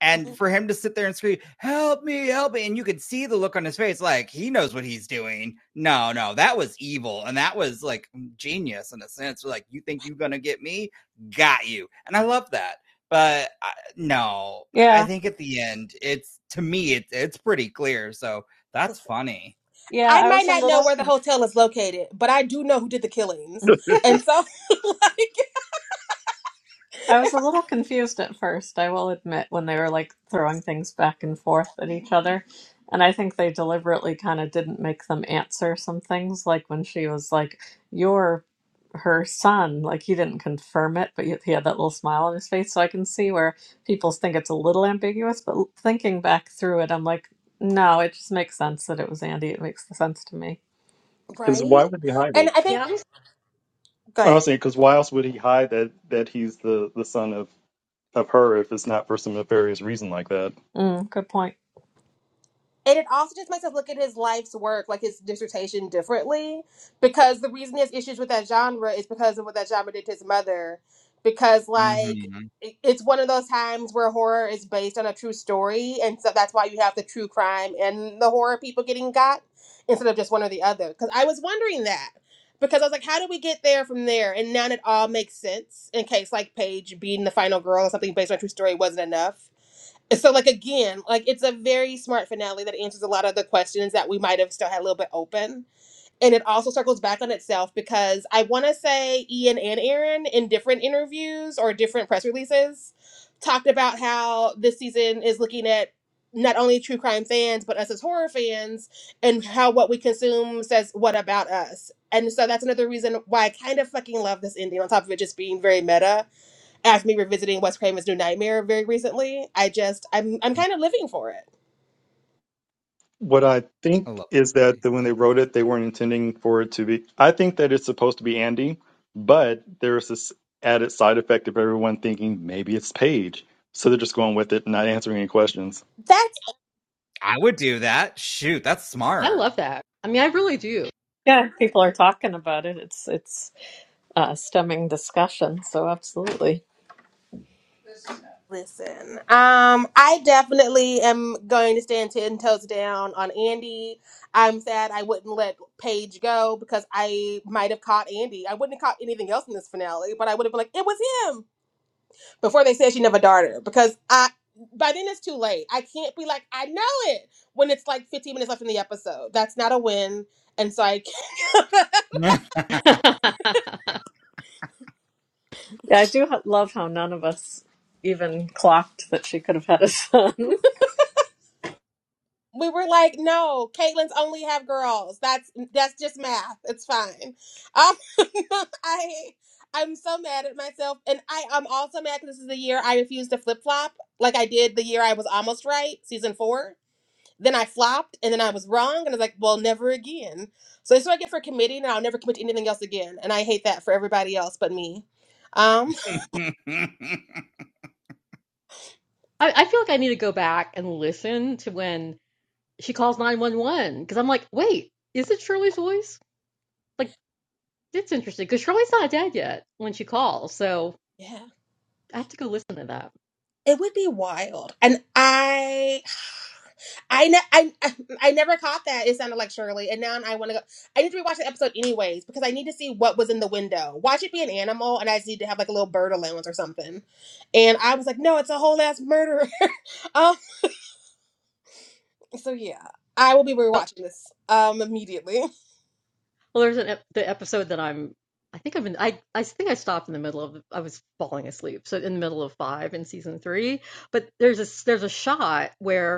Speaker 4: and
Speaker 1: Mhm.
Speaker 4: for him to sit there and scream, "Help me, help me!" and you could see the look on his face, like he knows what he's doing. No, no, that was evil, and that was like mm, genius in a sense. Like, you think you're gonna get me? Got you, and I love that. But I, no, I
Speaker 2: Yeah,
Speaker 4: think at the end, it's to me, it's it's pretty clear. So that's
Speaker 1: Listen,
Speaker 4: funny.
Speaker 2: yeah,
Speaker 1: I
Speaker 2: I
Speaker 1: might
Speaker 2: was a
Speaker 1: not know
Speaker 2: little
Speaker 1: where the
Speaker 2: confused.
Speaker 1: hotel is located, but I do know who did the killings. And so, like,
Speaker 2: I was a little confused at first, I will admit, when they were like throwing things back and forth at each other. And I think they deliberately kind of didn't make them answer some things, like when she was like, You're her son. Like he didn't confirm it, but yet he had that little smile on his face. So I can see where people think it's a little ambiguous. But l- thinking back through it, I'm like, No, it just makes sense that it was Andy. It makes sense to me.
Speaker 6: Because
Speaker 1: right?
Speaker 6: why would he hide
Speaker 1: And
Speaker 6: it?
Speaker 1: I think,
Speaker 3: Yeah, I, was-
Speaker 1: go
Speaker 6: I
Speaker 1: ahead.
Speaker 6: was saying, because why else would he hide that that he's the the son of of her if it's not for some nefarious reason like that?
Speaker 2: Mm, good point.
Speaker 1: and it also just makes us look at his life's work, like his dissertation, differently. Because the reason he has issues with that genre is because of what that genre did to his mother. Because like
Speaker 4: Mm-hmm.
Speaker 1: it- it's one of those times where horror is based on a true story, and so that's why you have the true crime and the horror people getting got instead of just one or the other. Because I was wondering that. Because I was like, how do we get there from there? And now it all makes sense in case like Paige being the final girl or something based on a true story wasn't enough so like again like it's a very smart finale that answers a lot of the questions that we might have still had a little bit open and it also circles back on itself because i want to say ian and aaron in different interviews or different press releases talked about how this season is looking at not only true crime fans but us as horror fans and how what we consume says what about us and so that's another reason why i kind of fucking love this ending on top of it just being very meta after me revisiting Wes Craven's New Nightmare very recently, I just I'm I'm kind of living for it.
Speaker 6: What I
Speaker 4: I
Speaker 6: think
Speaker 4: love
Speaker 6: is
Speaker 4: that
Speaker 6: that
Speaker 4: movie,
Speaker 6: the, when they
Speaker 4: but
Speaker 6: wrote it, they weren't intending for it to be. I think that it's supposed to be Andy, but there's this added side effect of everyone thinking maybe it's Paige. So they're just going with it, and not answering any questions.
Speaker 1: That's
Speaker 4: I would do that. Shoot, that's
Speaker 3: I
Speaker 4: smart.
Speaker 3: love that. I mean, I really do.
Speaker 2: Yeah, people are talking about it. It's, it's, uh, stemming discussion. So absolutely,
Speaker 1: listen. Um, I definitely am going to stand ten toes down on Andy. I'm sad I wouldn't let Paige go because I might have caught Andy. I wouldn't have caught anything else in this finale, but I would have been like, it was him before they said she never darted her because I. By then it's too late. I can't be like I know it when it's like 15 minutes left in the episode. That's not a win, and so I
Speaker 3: I,
Speaker 2: yeah, I do ha- love how none of us even clocked that she could have had a son.
Speaker 1: we were like, no, Caitlin's only have girls. That's that's just math. It's fine. Um, I I'm so mad at myself, and I I'm also mad because this is the year I refused to flip flop like I did the year I was almost right, season four. Then I flopped, and then I was wrong, and I was like, well, never again. So that's what I get for committing, and I'll never commit to anything else again. And I hate that for everybody else but me. Um,
Speaker 3: I feel like I need to go back and listen to when she calls 911 because I'm like, wait, is it Shirley's voice? Like, it's interesting because Shirley's not dead yet when she calls. So
Speaker 1: yeah.
Speaker 3: I have to go listen to that.
Speaker 1: It would be wild. And I I, ne- I I never caught that. It sounded like Shirley, and now I want to go. I need to rewatch the episode anyways because I need to see what was in the window. Watch it be an animal, and I just need to have like a little bird allowance or something. And I was like, no, it's a whole ass murderer. um, so yeah, I will be rewatching this um immediately.
Speaker 3: Well, there's an ep- the episode that I'm, I think I'm in, I, I think I stopped in the middle of, I was falling asleep. So in the middle of five in season three, but there's a, there's a shot where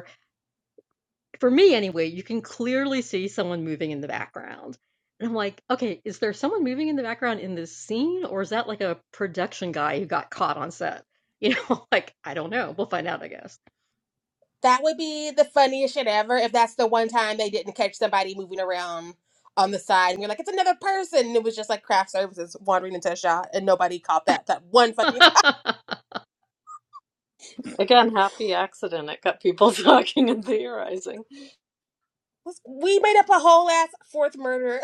Speaker 3: for me anyway, you can clearly see someone moving in the background. And I'm like, okay, is there someone moving in the background in this scene, or is that like a production guy who got caught on set? You know, like I don't know. We'll find out, I guess.
Speaker 1: That would be the funniest shit ever if that's the one time they didn't catch somebody moving around on the side and you're like, it's another person. And it was just like craft services wandering into a shot and nobody caught that that one fucking time.
Speaker 3: I
Speaker 2: Again, happy accident. It got people talking and theorizing.
Speaker 1: We made up a whole ass fourth murder.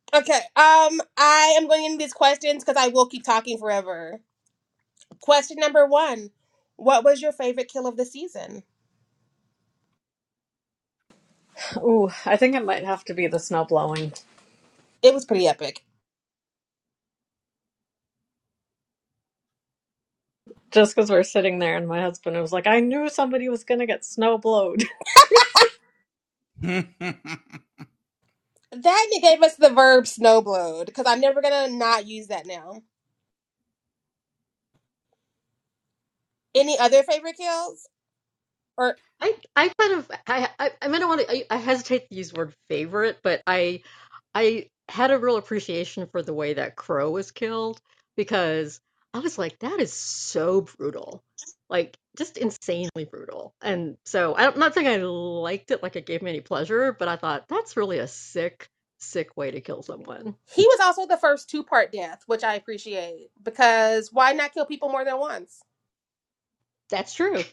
Speaker 1: okay. Um, I am going into these questions because I will keep talking forever. Question number one. What was your favorite kill of the season?
Speaker 2: Ooh, I think it might have to be the snow blowing.
Speaker 1: It was pretty epic.
Speaker 2: Just because we're sitting there and my husband was like, I knew somebody was going to get snow blowed.
Speaker 1: That and it gave us the verb snowblowed, because I'm never gonna not use that now. Any other favorite kills? or.
Speaker 3: I kind of I I, I mean I want to I, I hesitate to use the word favorite, but I I had a real appreciation for the way that Crow was killed because I was like, "That is so brutal." Like, just insanely brutal, and so I- I'm not saying I liked it, like it gave me any pleasure, but I thought, "That's really a sick, sick way to kill someone."
Speaker 1: He was also the first two part death, which I appreciate because why not kill people more than once?
Speaker 3: That's true.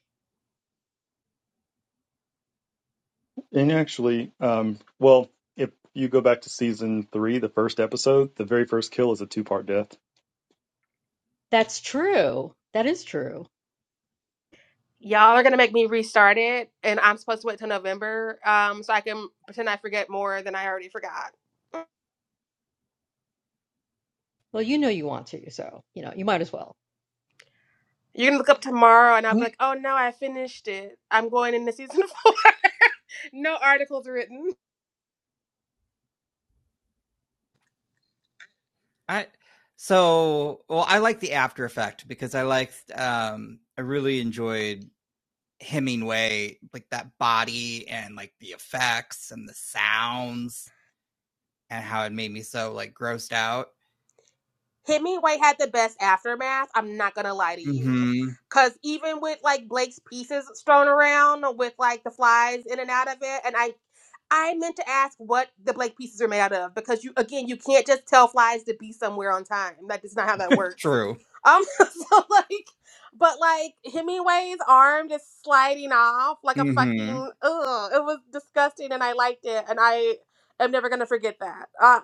Speaker 6: And actually, um, well, if you go back to season three, the first episode, the very first kill is a two part death.
Speaker 3: That's true. That is true.
Speaker 1: Y'all are gonna make me restart it, and I'm supposed to wait till November, um, so I can pretend I forget more than I already forgot.
Speaker 3: Well, you know you want to, so, you know, you might as well.
Speaker 1: You're gonna look up tomorrow, and I'll be like, "Oh no, I finished it. I'm going into season four. no articles written."
Speaker 4: I so well I like the after effect because I liked um I really enjoyed Hemingway like that body and like the effects and the sounds and how it made me so like grossed out.
Speaker 1: Hemingway had the best aftermath. I'm not gonna lie to you.
Speaker 4: Mhm.
Speaker 1: Cause even with like Blake's pieces thrown around with like the flies in and out of it, and I I meant to ask what the Blake pieces are made out of because you again you can't just tell flies to be somewhere on time. Like that's not how that works.
Speaker 4: True.
Speaker 1: Um so like but like Hemingway's arm just sliding off like a
Speaker 4: Mhm.
Speaker 1: fucking ugh, it was disgusting and I liked it and I am never gonna forget that. Um,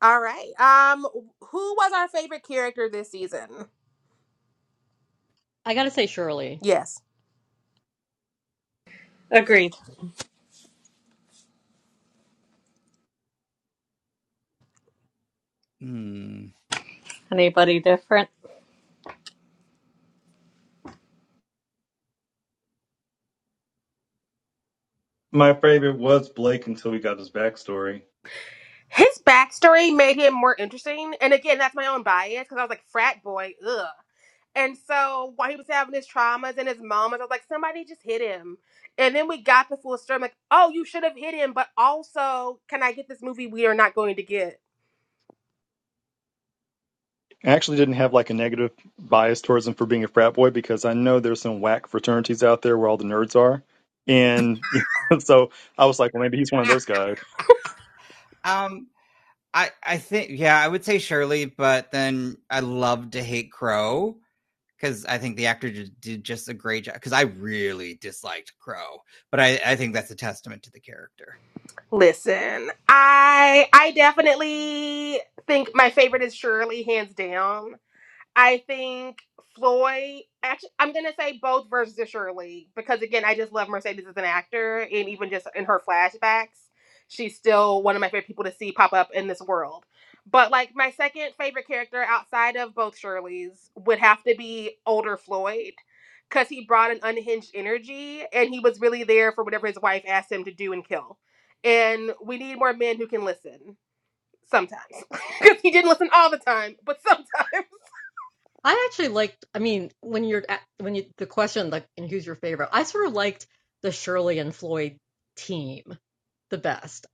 Speaker 1: All right. Um, who was our favorite character this season?
Speaker 3: I gotta say, Shirley
Speaker 1: Yes.
Speaker 2: Agreed.
Speaker 4: Mm.
Speaker 2: Anybody different?
Speaker 6: My favorite was Blake until we got his backstory.
Speaker 1: His backstory made him more interesting. And again, that's my own bias because I was like, frat boy, ugh. And so while he was having his traumas and his mamas, I was like, somebody just hit him. And then we got the full story. I'm like, oh, you should have hit him, but also, can I get this movie we are not going to get?
Speaker 6: I actually didn't have like a negative bias towards him for being a frat boy because I know there's some whack fraternities out there where all the nerds are. And so I was like, well, maybe he's one of those guys.
Speaker 4: Um I I think yeah, I would say Shirley, but then I love to hate Crow because I think the actor did, did just a great job. Because I really disliked Crow, but I I think that's a testament to the character.
Speaker 1: Listen, I I definitely think my favorite is Shirley, hands down I think Floyd. Actually, I'm gonna say both versions of Shirley because again, I just love Mercedes as an actor, and even just in her flashbacks, she's still one of my favorite people to see pop up in this world. But like my second favorite character outside of both Shirley's would have to be older Floyd, because he brought an unhinged energy, and he was really there for whatever his wife asked him to do and kill. And we need more men who can listen sometimes, because he didn't listen all the time, but sometimes.
Speaker 3: I actually liked. I mean, when you're at, when you the question like, and who's your favorite? I sort of liked the Shirley and Floyd team the best,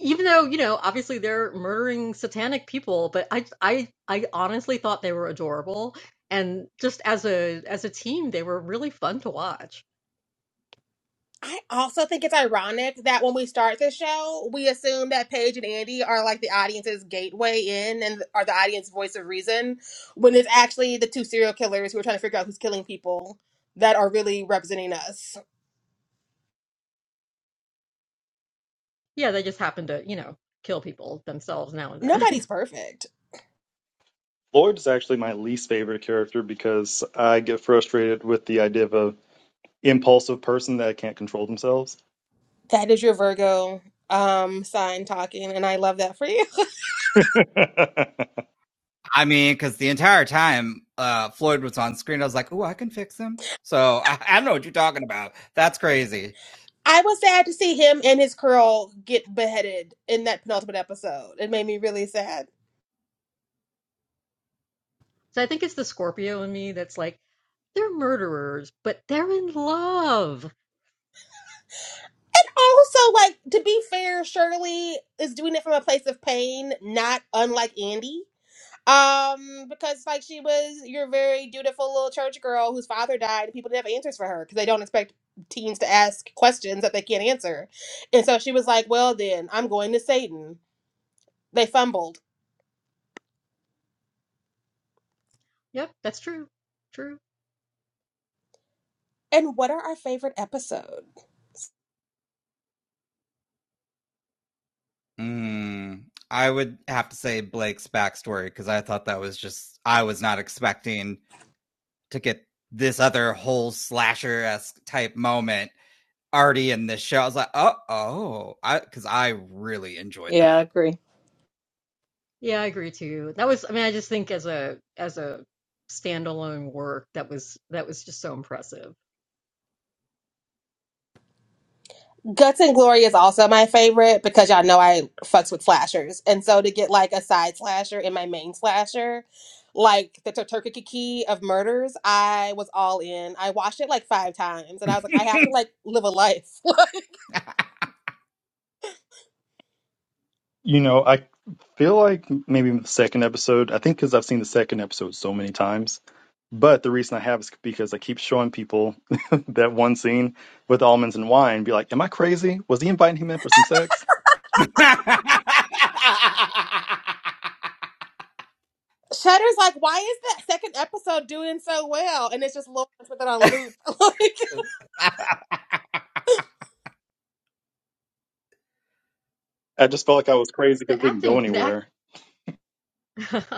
Speaker 3: even though you know obviously they're murdering satanic people. But I I I honestly thought they were adorable, and just as a as a team, they were really fun to watch.
Speaker 1: I also think it's ironic that when we start this show, we assume that Paige and Andy are like the audience's gateway in and are the audience voice of reason, when it's actually the two serial killers who are trying to figure out who's killing people that are really representing us.
Speaker 3: Yeah, they just happen to you know kill people themselves now and then.
Speaker 1: Nobody's perfect.
Speaker 6: Lloyd is actually my least favorite character because I get frustrated with the idea of a impulsive person that can't control themselves.
Speaker 1: That is your Virgo um sign talking, and I love that for you.
Speaker 4: I mean, because the entire time uh, Floyd was on screen, I was like, "Oh, I can fix him." So I, I don't know what you're talking about. That's crazy.
Speaker 1: I was sad to see him and his curl get beheaded in that penultimate episode. It made me really sad.
Speaker 3: so I think it's the Scorpio in me that's like they're murderers, but they're in love.
Speaker 1: Also, like to be fair, Shirley is doing it from a place of pain, not unlike Andy. Um, because like she was your very dutiful little church girl whose father died, and people didn't have answers for her because they don't expect teens to ask questions that they can't answer. And so she was like, "Well, then I'm going to Satan." They fumbled.
Speaker 3: Yep, that's true. True.
Speaker 1: And what are our favorite episodes?
Speaker 4: Mm, I would have to say Blake's backstory because I thought that was just I was not expecting to get this other whole slasher esque type moment already in this show. I was like, "Oh, oh," because I, I really enjoyed
Speaker 2: Yeah,
Speaker 4: that.
Speaker 2: agree.
Speaker 3: Yeah, I agree too. That was, I mean, I just think as a as a standalone work, that was that was just so impressive.
Speaker 1: Guts and Glory is also my favorite because y'all know I fucks with slashers. And so to get like a side slasher in my main slasher, like the Turkey of Murders, I was all in. I watched it like five times and I was like, I have to like live a life.
Speaker 6: You know, I feel like maybe the second episode, I think because I've seen the second episode so many times. But the reason I have is because I keep showing people that one scene with almonds and wine, be like, Am I crazy? Was he inviting him in for some sex?
Speaker 1: Shudder's like, why is that second episode doing so well? And it's just Lawrence with it on loop.
Speaker 6: I just felt like I was crazy
Speaker 3: The
Speaker 6: because it didn't go
Speaker 3: acting, the
Speaker 6: anywhere.
Speaker 3: act.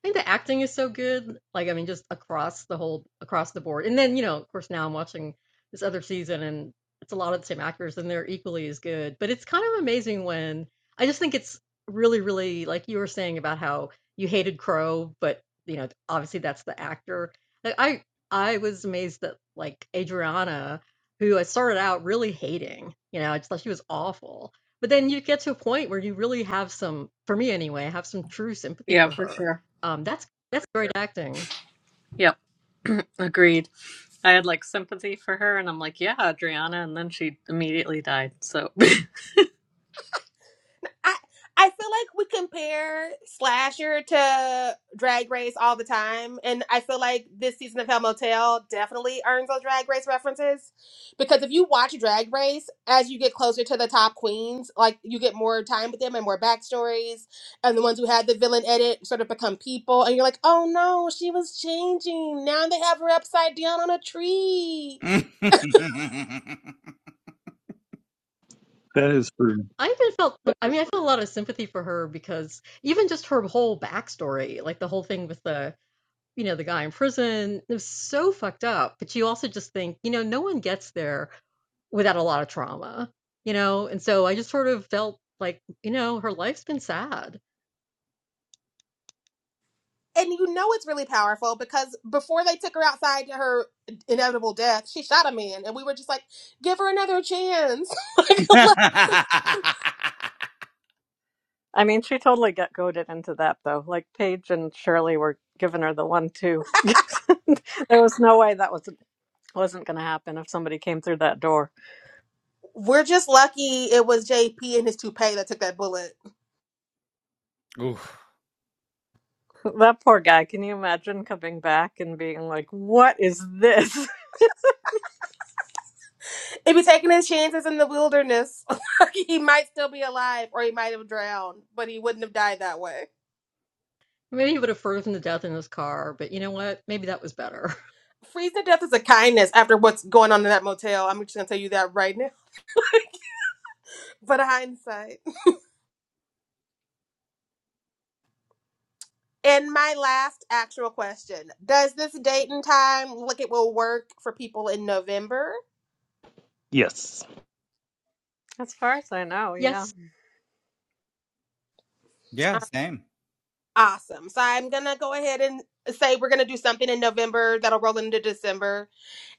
Speaker 3: I think the acting is so good. Like, I mean, just across the whole, across the board. And then, you know, of course, now I'm watching this other season and it's a lot of the same actors and they're equally as good. But it's kind of amazing when I just think it's really, really like you were saying about how you hated Crow, but, you know, obviously that's the actor. Like, I, I was amazed that like Adriana, who I started out really hating, you know, I just thought she was awful. But then you get to a point where you really have some, for me anyway, have some true sympathy
Speaker 2: Yeah,
Speaker 3: for
Speaker 2: for
Speaker 3: her
Speaker 2: sure.
Speaker 3: um, that's that's great acting.
Speaker 2: Yep. Agreed. I had like sympathy for her and I'm like, yeah, Adriana. And then she immediately died. So.
Speaker 1: I I feel like we compare Slasher to Drag Race all the time, and I feel like this season of Hell Motel definitely earns those Drag Race references. Because if you watch Drag Race, as you get closer to the top queens, like you get more time with them and more backstories, and the ones who had the villain edit sort of become people, and you're like, oh no, she was changing. Now they have her upside down on a tree.
Speaker 6: That is true.
Speaker 3: I even felt, I mean, I felt a lot of sympathy for her because even just her whole backstory, like the whole thing with the, you know, the guy in prison, it was so fucked up. But you also just think, you know, no one gets there without a lot of trauma, you know? And so I just sort of felt like, you know, her life's been sad.
Speaker 1: and you know it's really powerful because before they took her outside to her inevitable death, she shot a man, and we were just like, "Give her another chance." Like,
Speaker 2: I mean, she totally got goaded into that though. Like Paige and Shirley were giving her the one two. there was no way that was wasn't going to happen if somebody came through that door.
Speaker 1: we're just lucky it was JP and his toupee that took that bullet.
Speaker 4: Oof.
Speaker 2: That poor guy. Can you imagine coming back and being like, "What is this?"
Speaker 1: If he's taking his chances in the wilderness, he might still be alive, or he might have drowned, but he wouldn't have died that way.
Speaker 3: Maybe it would have frozen to death in this car, but you know what? Maybe that was better.
Speaker 1: Freezing to death is a kindness after what's going on in that motel. I'm just gonna tell you that right now. But hindsight. And my last actual question Does this date and time look it will work for people in November?
Speaker 6: Yes.
Speaker 2: As far as I know, yeah.
Speaker 3: yes.
Speaker 4: Yeah,
Speaker 1: Uh,
Speaker 4: same.
Speaker 1: Awesome. So I'm going to go ahead and say we're going to do something in November that'll roll into December.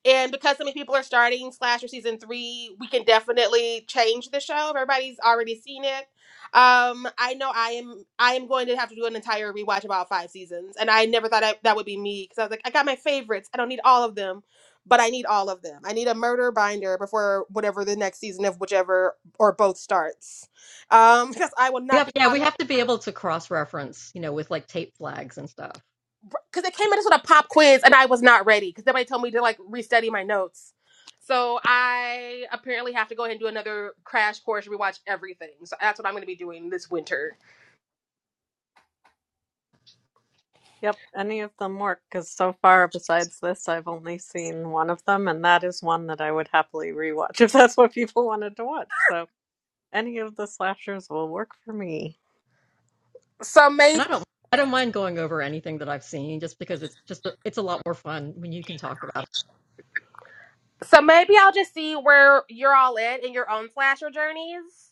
Speaker 1: And because so many people are starting Slasher season three, we can definitely change the show. Everybody's already seen it. Um, I know I am. I am going to have to do an entire rewatch of all five seasons, and I never thought I, that would be me because I was like, I got my favorites. I don't need all of them, but I need all of them. I need a murder binder before whatever the next season of whichever or both starts, um, because I will not
Speaker 3: Yep.
Speaker 1: be
Speaker 3: Yeah.
Speaker 1: caught
Speaker 3: We have to be able to cross reference, you know, with like tape flags and stuff.
Speaker 1: because they came at us with a pop quiz and I was not ready because somebody told me to like restudy my notes. So I apparently have to go ahead and do another crash course, rewatch everything. So that's what I'm going to be doing this winter.
Speaker 2: Yep, any of them work because so far, besides this, I've only seen one of them, and that is one that I would happily rewatch if that's what people wanted to watch. So any of the slashers will work for me.
Speaker 1: So
Speaker 3: And
Speaker 1: maybe,
Speaker 3: I don't I don't mind going over anything that I've seen just because it's just a, it's a lot more fun when you can talk about it.
Speaker 1: so maybe I'll just see where you're all at in your own slasher journeys.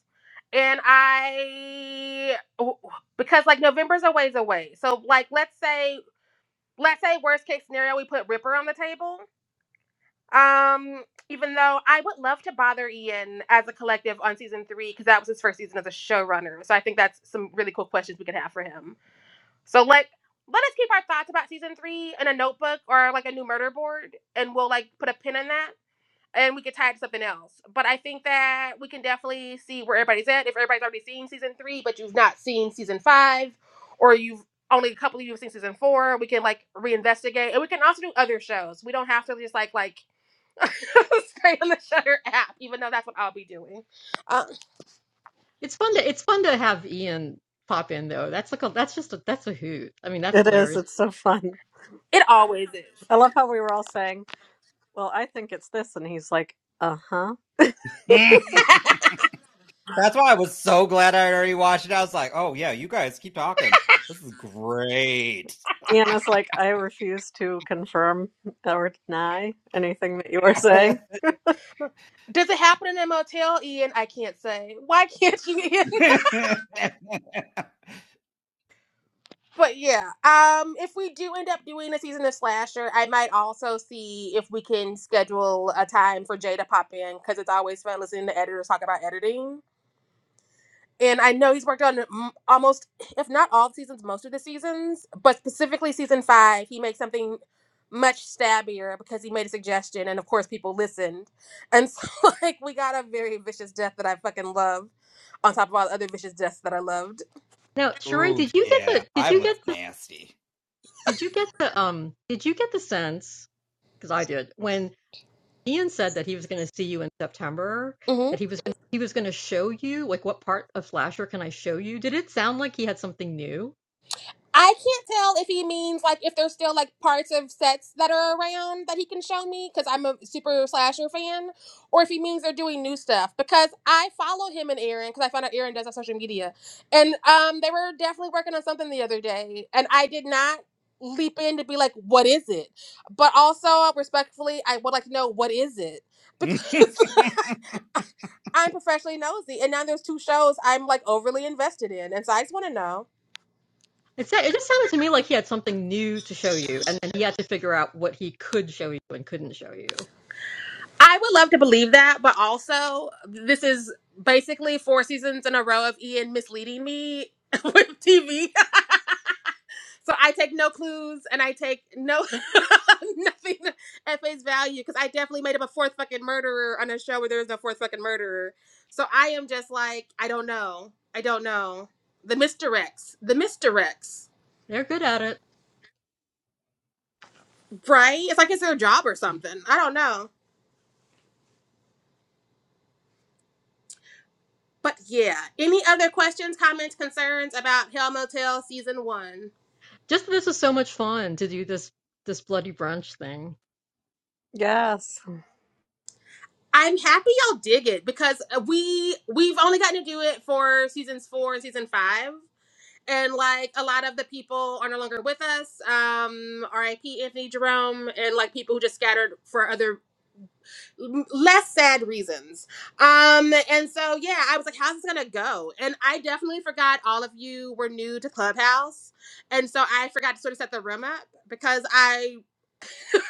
Speaker 1: And I, because like November's a ways away. So like, let's say, let's say worst case scenario, we put Ripper on the table Um, even though I would love to bother Ian as a collective on season three, because that was his first season as a showrunner. So I think that's some really cool questions we could have for him. So let let us keep our thoughts about season three in a notebook or like a new murder board, and we'll like put a pin in that and we could tie it to something else. But I think that we can definitely see where everybody's at. If everybody's already seen season three, but you've not seen season five, or you've only a couple of you have seen season four, we can like reinvestigate. And we can also do other shows. We don't have to just like like Stay on the Shutter app, even though that's what I'll be doing. Um,
Speaker 3: It's fun to it's fun to have Ian pop in though. That's like a, that's just a, that's a hoot. I mean, that's
Speaker 2: It is.
Speaker 3: hilarious.
Speaker 2: It's so fun.
Speaker 1: it always is.
Speaker 2: I love how we were all saying, "Well, I think it's this," and he's like, "Uh huh."
Speaker 4: That's why I was so glad I already watched it. I was like, oh, yeah, you guys keep talking. This is great.
Speaker 2: Anna's like, "I refuse to confirm or deny anything that you are saying."
Speaker 1: Does it happen in a motel, Ian? I can't say. Why can't you, Ian? But yeah, um, if we do end up doing a season of Slasher, I might also see if we can schedule a time for Jay to pop in because it's always fun listening to editors talk about editing. and I know he's worked on m- almost, if not all the seasons, most of the seasons, but specifically season five, he made something much stabbier because he made a suggestion, and of course, people listened, and so like we got a very vicious death that I fucking love, on top of all the other vicious deaths that I loved.
Speaker 3: Now, Sheree,
Speaker 4: oh,
Speaker 3: did you get
Speaker 4: yeah.
Speaker 3: the did
Speaker 4: I
Speaker 3: you
Speaker 4: was
Speaker 3: get the
Speaker 4: nasty.
Speaker 3: did you get the um did you get the sense because I did when Ian said that he was going to see you in September
Speaker 1: Mm-hmm.
Speaker 3: that he was gonna, he was going to show you like what part of Flasher can I show you? Did it sound like he had something new?
Speaker 1: I can't tell if he means like if there's still like parts of sets that are around that he can show me because I'm a super slasher fan, or if he means they're doing new stuff because I follow him and Aaron because I found out Aaron does have social media, and um they were definitely working on something the other day, and I did not leap in to be like what is it, but also respectfully I would like to know what is it because I'm professionally nosy, and now there's two shows I'm like overly invested in, and so I just want to know.
Speaker 3: It, just sounded to me like he had something new to show you, and then he had to figure out what he could show you and couldn't show you.
Speaker 1: I would love to believe that, but also this is basically four seasons in a row of Ian misleading me with TV. So I take no clues and I take no nothing at face value because I definitely made up a fourth fucking murderer on a show where there is no fourth fucking murderer. So I am just like, I don't know. I don't know. The misdirects. The misdirects.
Speaker 3: They're good at it.
Speaker 1: Right? It's like it's their job or something. I don't know. But yeah. Any other questions, comments, concerns about Hell Motel season one?
Speaker 3: Just this is so much fun to do this this bloody brunch thing.
Speaker 2: Yes.
Speaker 1: I'm happy y'all dig it because uh, we we've only gotten to do it for seasons four and season five, and like a lot of the people are no longer with us. Um, R.I.P. Anthony Jerome and like people who just scattered for other m- less sad reasons. Um, and so yeah, I was like, how's this gonna go? And I definitely forgot all of you were new to Clubhouse, and so I forgot to sort of set the room up because I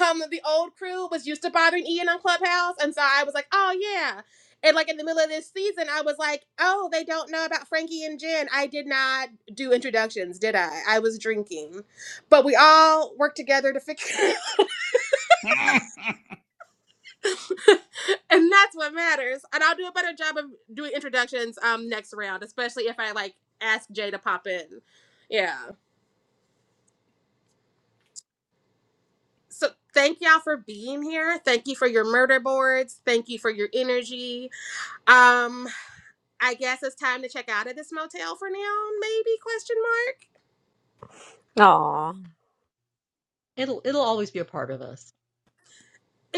Speaker 1: um the old crew was used to bothering Ian on Clubhouse, and so I was like, oh yeah. And like in the middle of this season, I was like, oh, they don't know about Frankie and Jen. I did not do introductions, did I? I was drinking. But we all worked together to fix it. and that's what matters. And I'll do a better job of doing introductions um next round, especially if I like ask Jay to pop in. Yeah. So thank y'all for being here. Thank you for your murder boards. Thank you for your energy. Um I guess it's time to check out of this motel for now, maybe question mark.
Speaker 2: Aw,
Speaker 3: It'll it'll always be a part of us.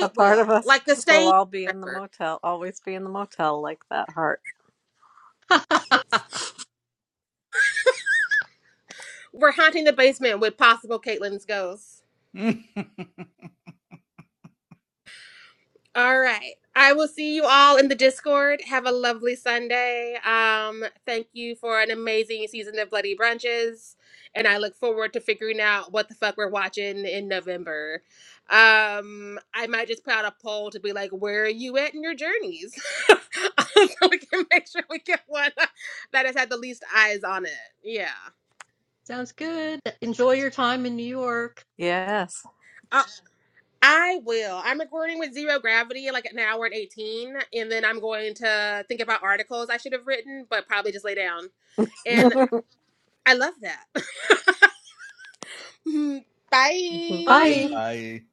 Speaker 2: a
Speaker 1: It
Speaker 2: part of
Speaker 1: will.
Speaker 2: us
Speaker 1: Like the
Speaker 2: will
Speaker 1: stain
Speaker 2: all be in the motel, always be in the motel like that heart.
Speaker 1: We're haunting the basement with possible Caitlin's ghost. All right. I will see you all in the Discord. Have a lovely Sunday. Um, thank you for an amazing season of Bloody Brunches. And I look forward to figuring out what the fuck we're watching in November. Um, I might just put out a poll to be like, where are you at in your journeys? so we can make sure we get one that has had the least eyes on it. Yeah.
Speaker 3: Sounds good. Enjoy your time in New York.
Speaker 2: Yes.
Speaker 1: Uh, I will. I'm recording with zero gravity in like an hour and 18, and then I'm going to think about articles I should have written, but probably just lay down. And I love that. Bye.
Speaker 2: Bye.
Speaker 3: Bye.
Speaker 4: Bye.